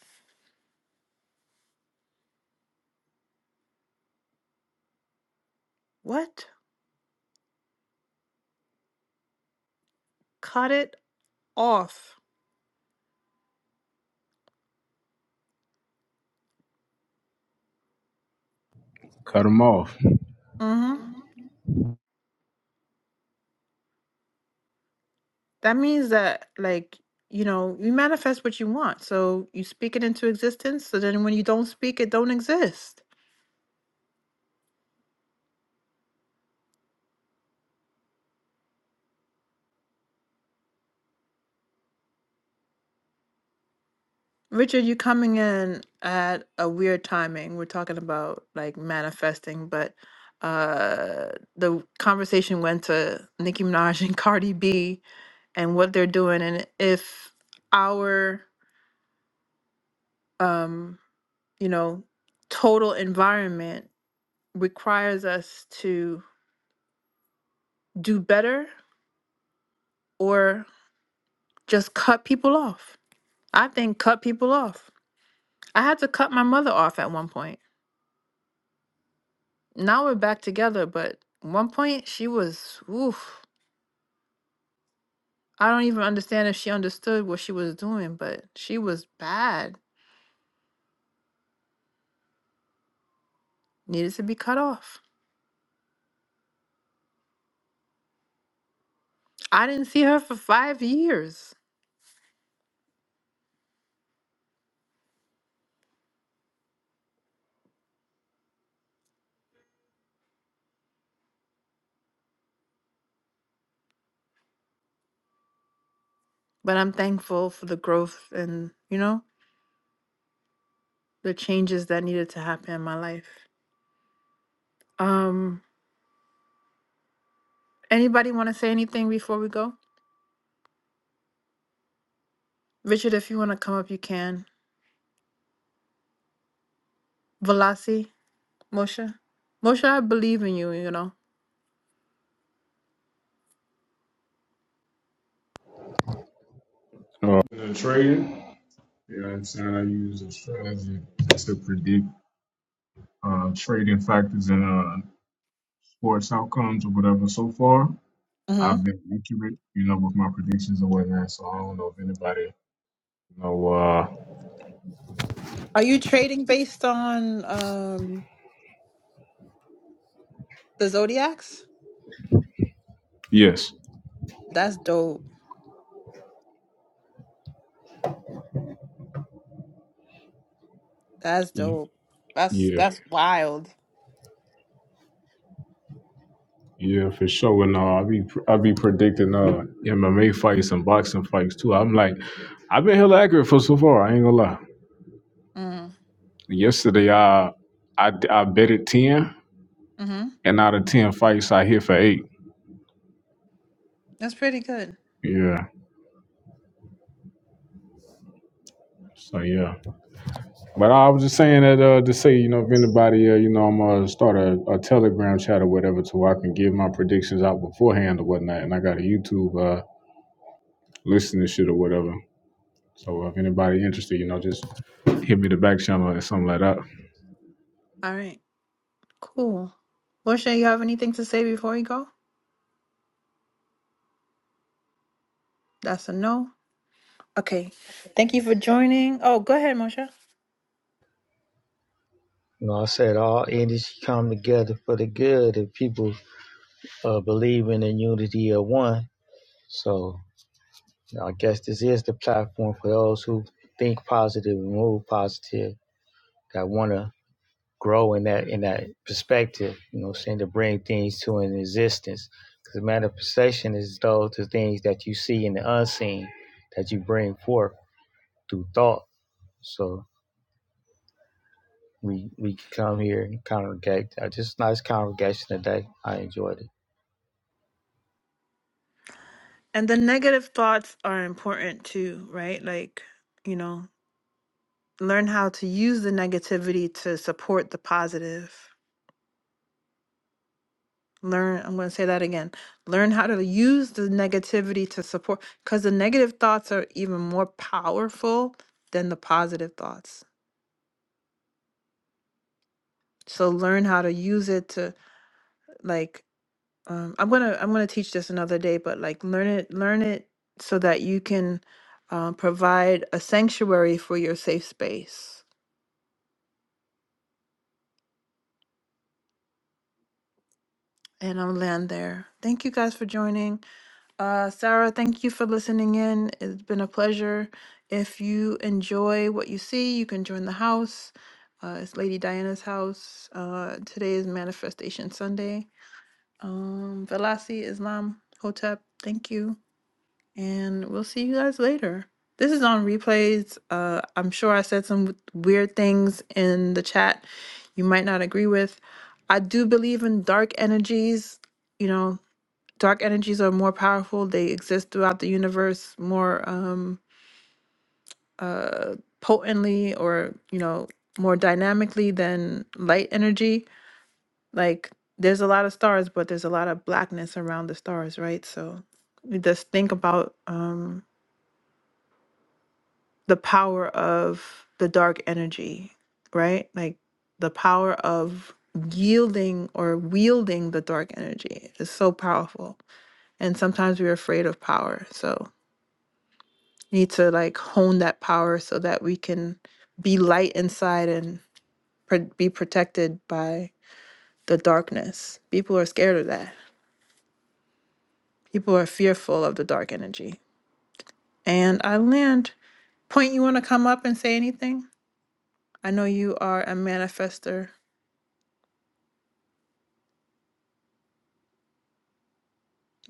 [SPEAKER 1] what? Cut it off.
[SPEAKER 6] cut them off.
[SPEAKER 1] Mm-hmm. That means that, like, you know, you manifest what you want. So you speak it into existence. So then when you don't speak, it don't exist. Richard, you're coming in at a weird timing. We're talking about like manifesting, but uh the conversation went to Nicki Minaj and Cardi B and what they're doing and if our um you know total environment requires us to do better or just cut people off. I think cut people off. I had to cut my mother off at one point now we're back together, but at one point she was oof. I don't even understand if she understood what she was doing, but she was bad. Needed to be cut off. I didn't see her for five years. But I'm thankful for the growth and, you know, the changes that needed to happen in my life. Um anybody wanna say anything before we go? Richard, if you wanna come up you can. Velasi, Moshe. Moshe, I believe in you, you know.
[SPEAKER 6] Uh, In trading, you know what I'm saying? I use a strategy to predict uh, trading factors and uh, sports outcomes or whatever. So far,
[SPEAKER 1] hmm
[SPEAKER 6] I've been accurate, you know, with my predictions and whatnot. So I don't know if anybody, you know, uh,
[SPEAKER 1] Are you trading based on um? The Zodiacs?
[SPEAKER 6] yes.
[SPEAKER 1] That's dope. That's
[SPEAKER 6] Y-
[SPEAKER 1] dope. That's
[SPEAKER 6] Yeah.
[SPEAKER 1] that's wild.
[SPEAKER 6] Yeah, for sure. And uh, I be I be predicting uh MMA fights and boxing fights too. I'm like, I've been hella accurate for so far. I ain't gonna lie.
[SPEAKER 1] Mm.
[SPEAKER 6] Yesterday, I I I betted ten,
[SPEAKER 1] Mm-hmm.
[SPEAKER 6] and out of ten fights, I hit for eight.
[SPEAKER 1] That's pretty good.
[SPEAKER 6] Yeah. So yeah. But I was just saying that uh to say you know if anybody uh, you know I'm gonna start a, a Telegram chat or whatever so I can give my predictions out beforehand or whatnot, and I got a YouTube uh listening shit or whatever. So if anybody interested, you know, just hit me the back channel or something like that.
[SPEAKER 1] All right. Cool. Portia, you have anything to say before we go? That's a no. Okay. Thank you for joining. Oh, go ahead, Moshe.
[SPEAKER 4] you know, I said all entities come together for the good if people uh, believe in the unity of one. So you know, I guess this is the platform for those who think positive and move positive that want to grow in that in that perspective, you know, what saying to bring things to an existence. Because manifestation is those the things that you see in the unseen that you bring forth through thought. So we we come here and congregate. I just a nice congregation today. I enjoyed it.
[SPEAKER 1] And the negative thoughts are important too, right? Like, you know, learn how to use the negativity to support the positive. Learn, I'm going to say that again. Learn how to use the negativity to support, because the negative thoughts are even more powerful than the positive thoughts. So learn how to use it to like um, I'm gonna I'm gonna teach this another day, but like learn it learn it so that you can uh, provide a sanctuary for your safe space. And I'll land there. Thank you guys for joining. Uh, Sarah, thank you for listening in. It's been a pleasure. If you enjoy what you see, you can join the house. Uh, it's Lady Diana's house. Uh, today is Manifestation Sunday. Um, Velasi Islam Hotep, thank you. And we'll see you guys later. This is on replays. Uh, I'm sure I said some weird things in the chat you might not agree with. I do believe in dark energies. You know, dark energies are more powerful they exist throughout the universe more um uh potently or you know more dynamically than light energy like there's a lot of stars but there's a lot of blackness around the stars right so we just think about um the power of the dark energy right like the power of yielding or wielding the dark energy is so powerful and sometimes we're afraid of power so need to like hone that power so that we can be light inside and pr- be protected by the darkness. People are scared of that. People are fearful of the dark energy. And I land. Point, you want to come up and say anything? I know you are a manifester.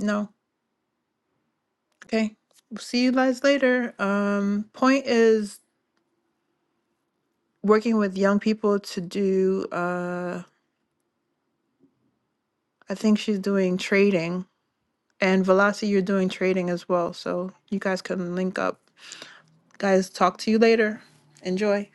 [SPEAKER 1] No. Okay. We'll see you guys later. Um, Point is working with young people to do, uh, I think she's doing trading And Velasi, you're doing trading as well. So you guys can link up. Guys, talk to you later. Enjoy.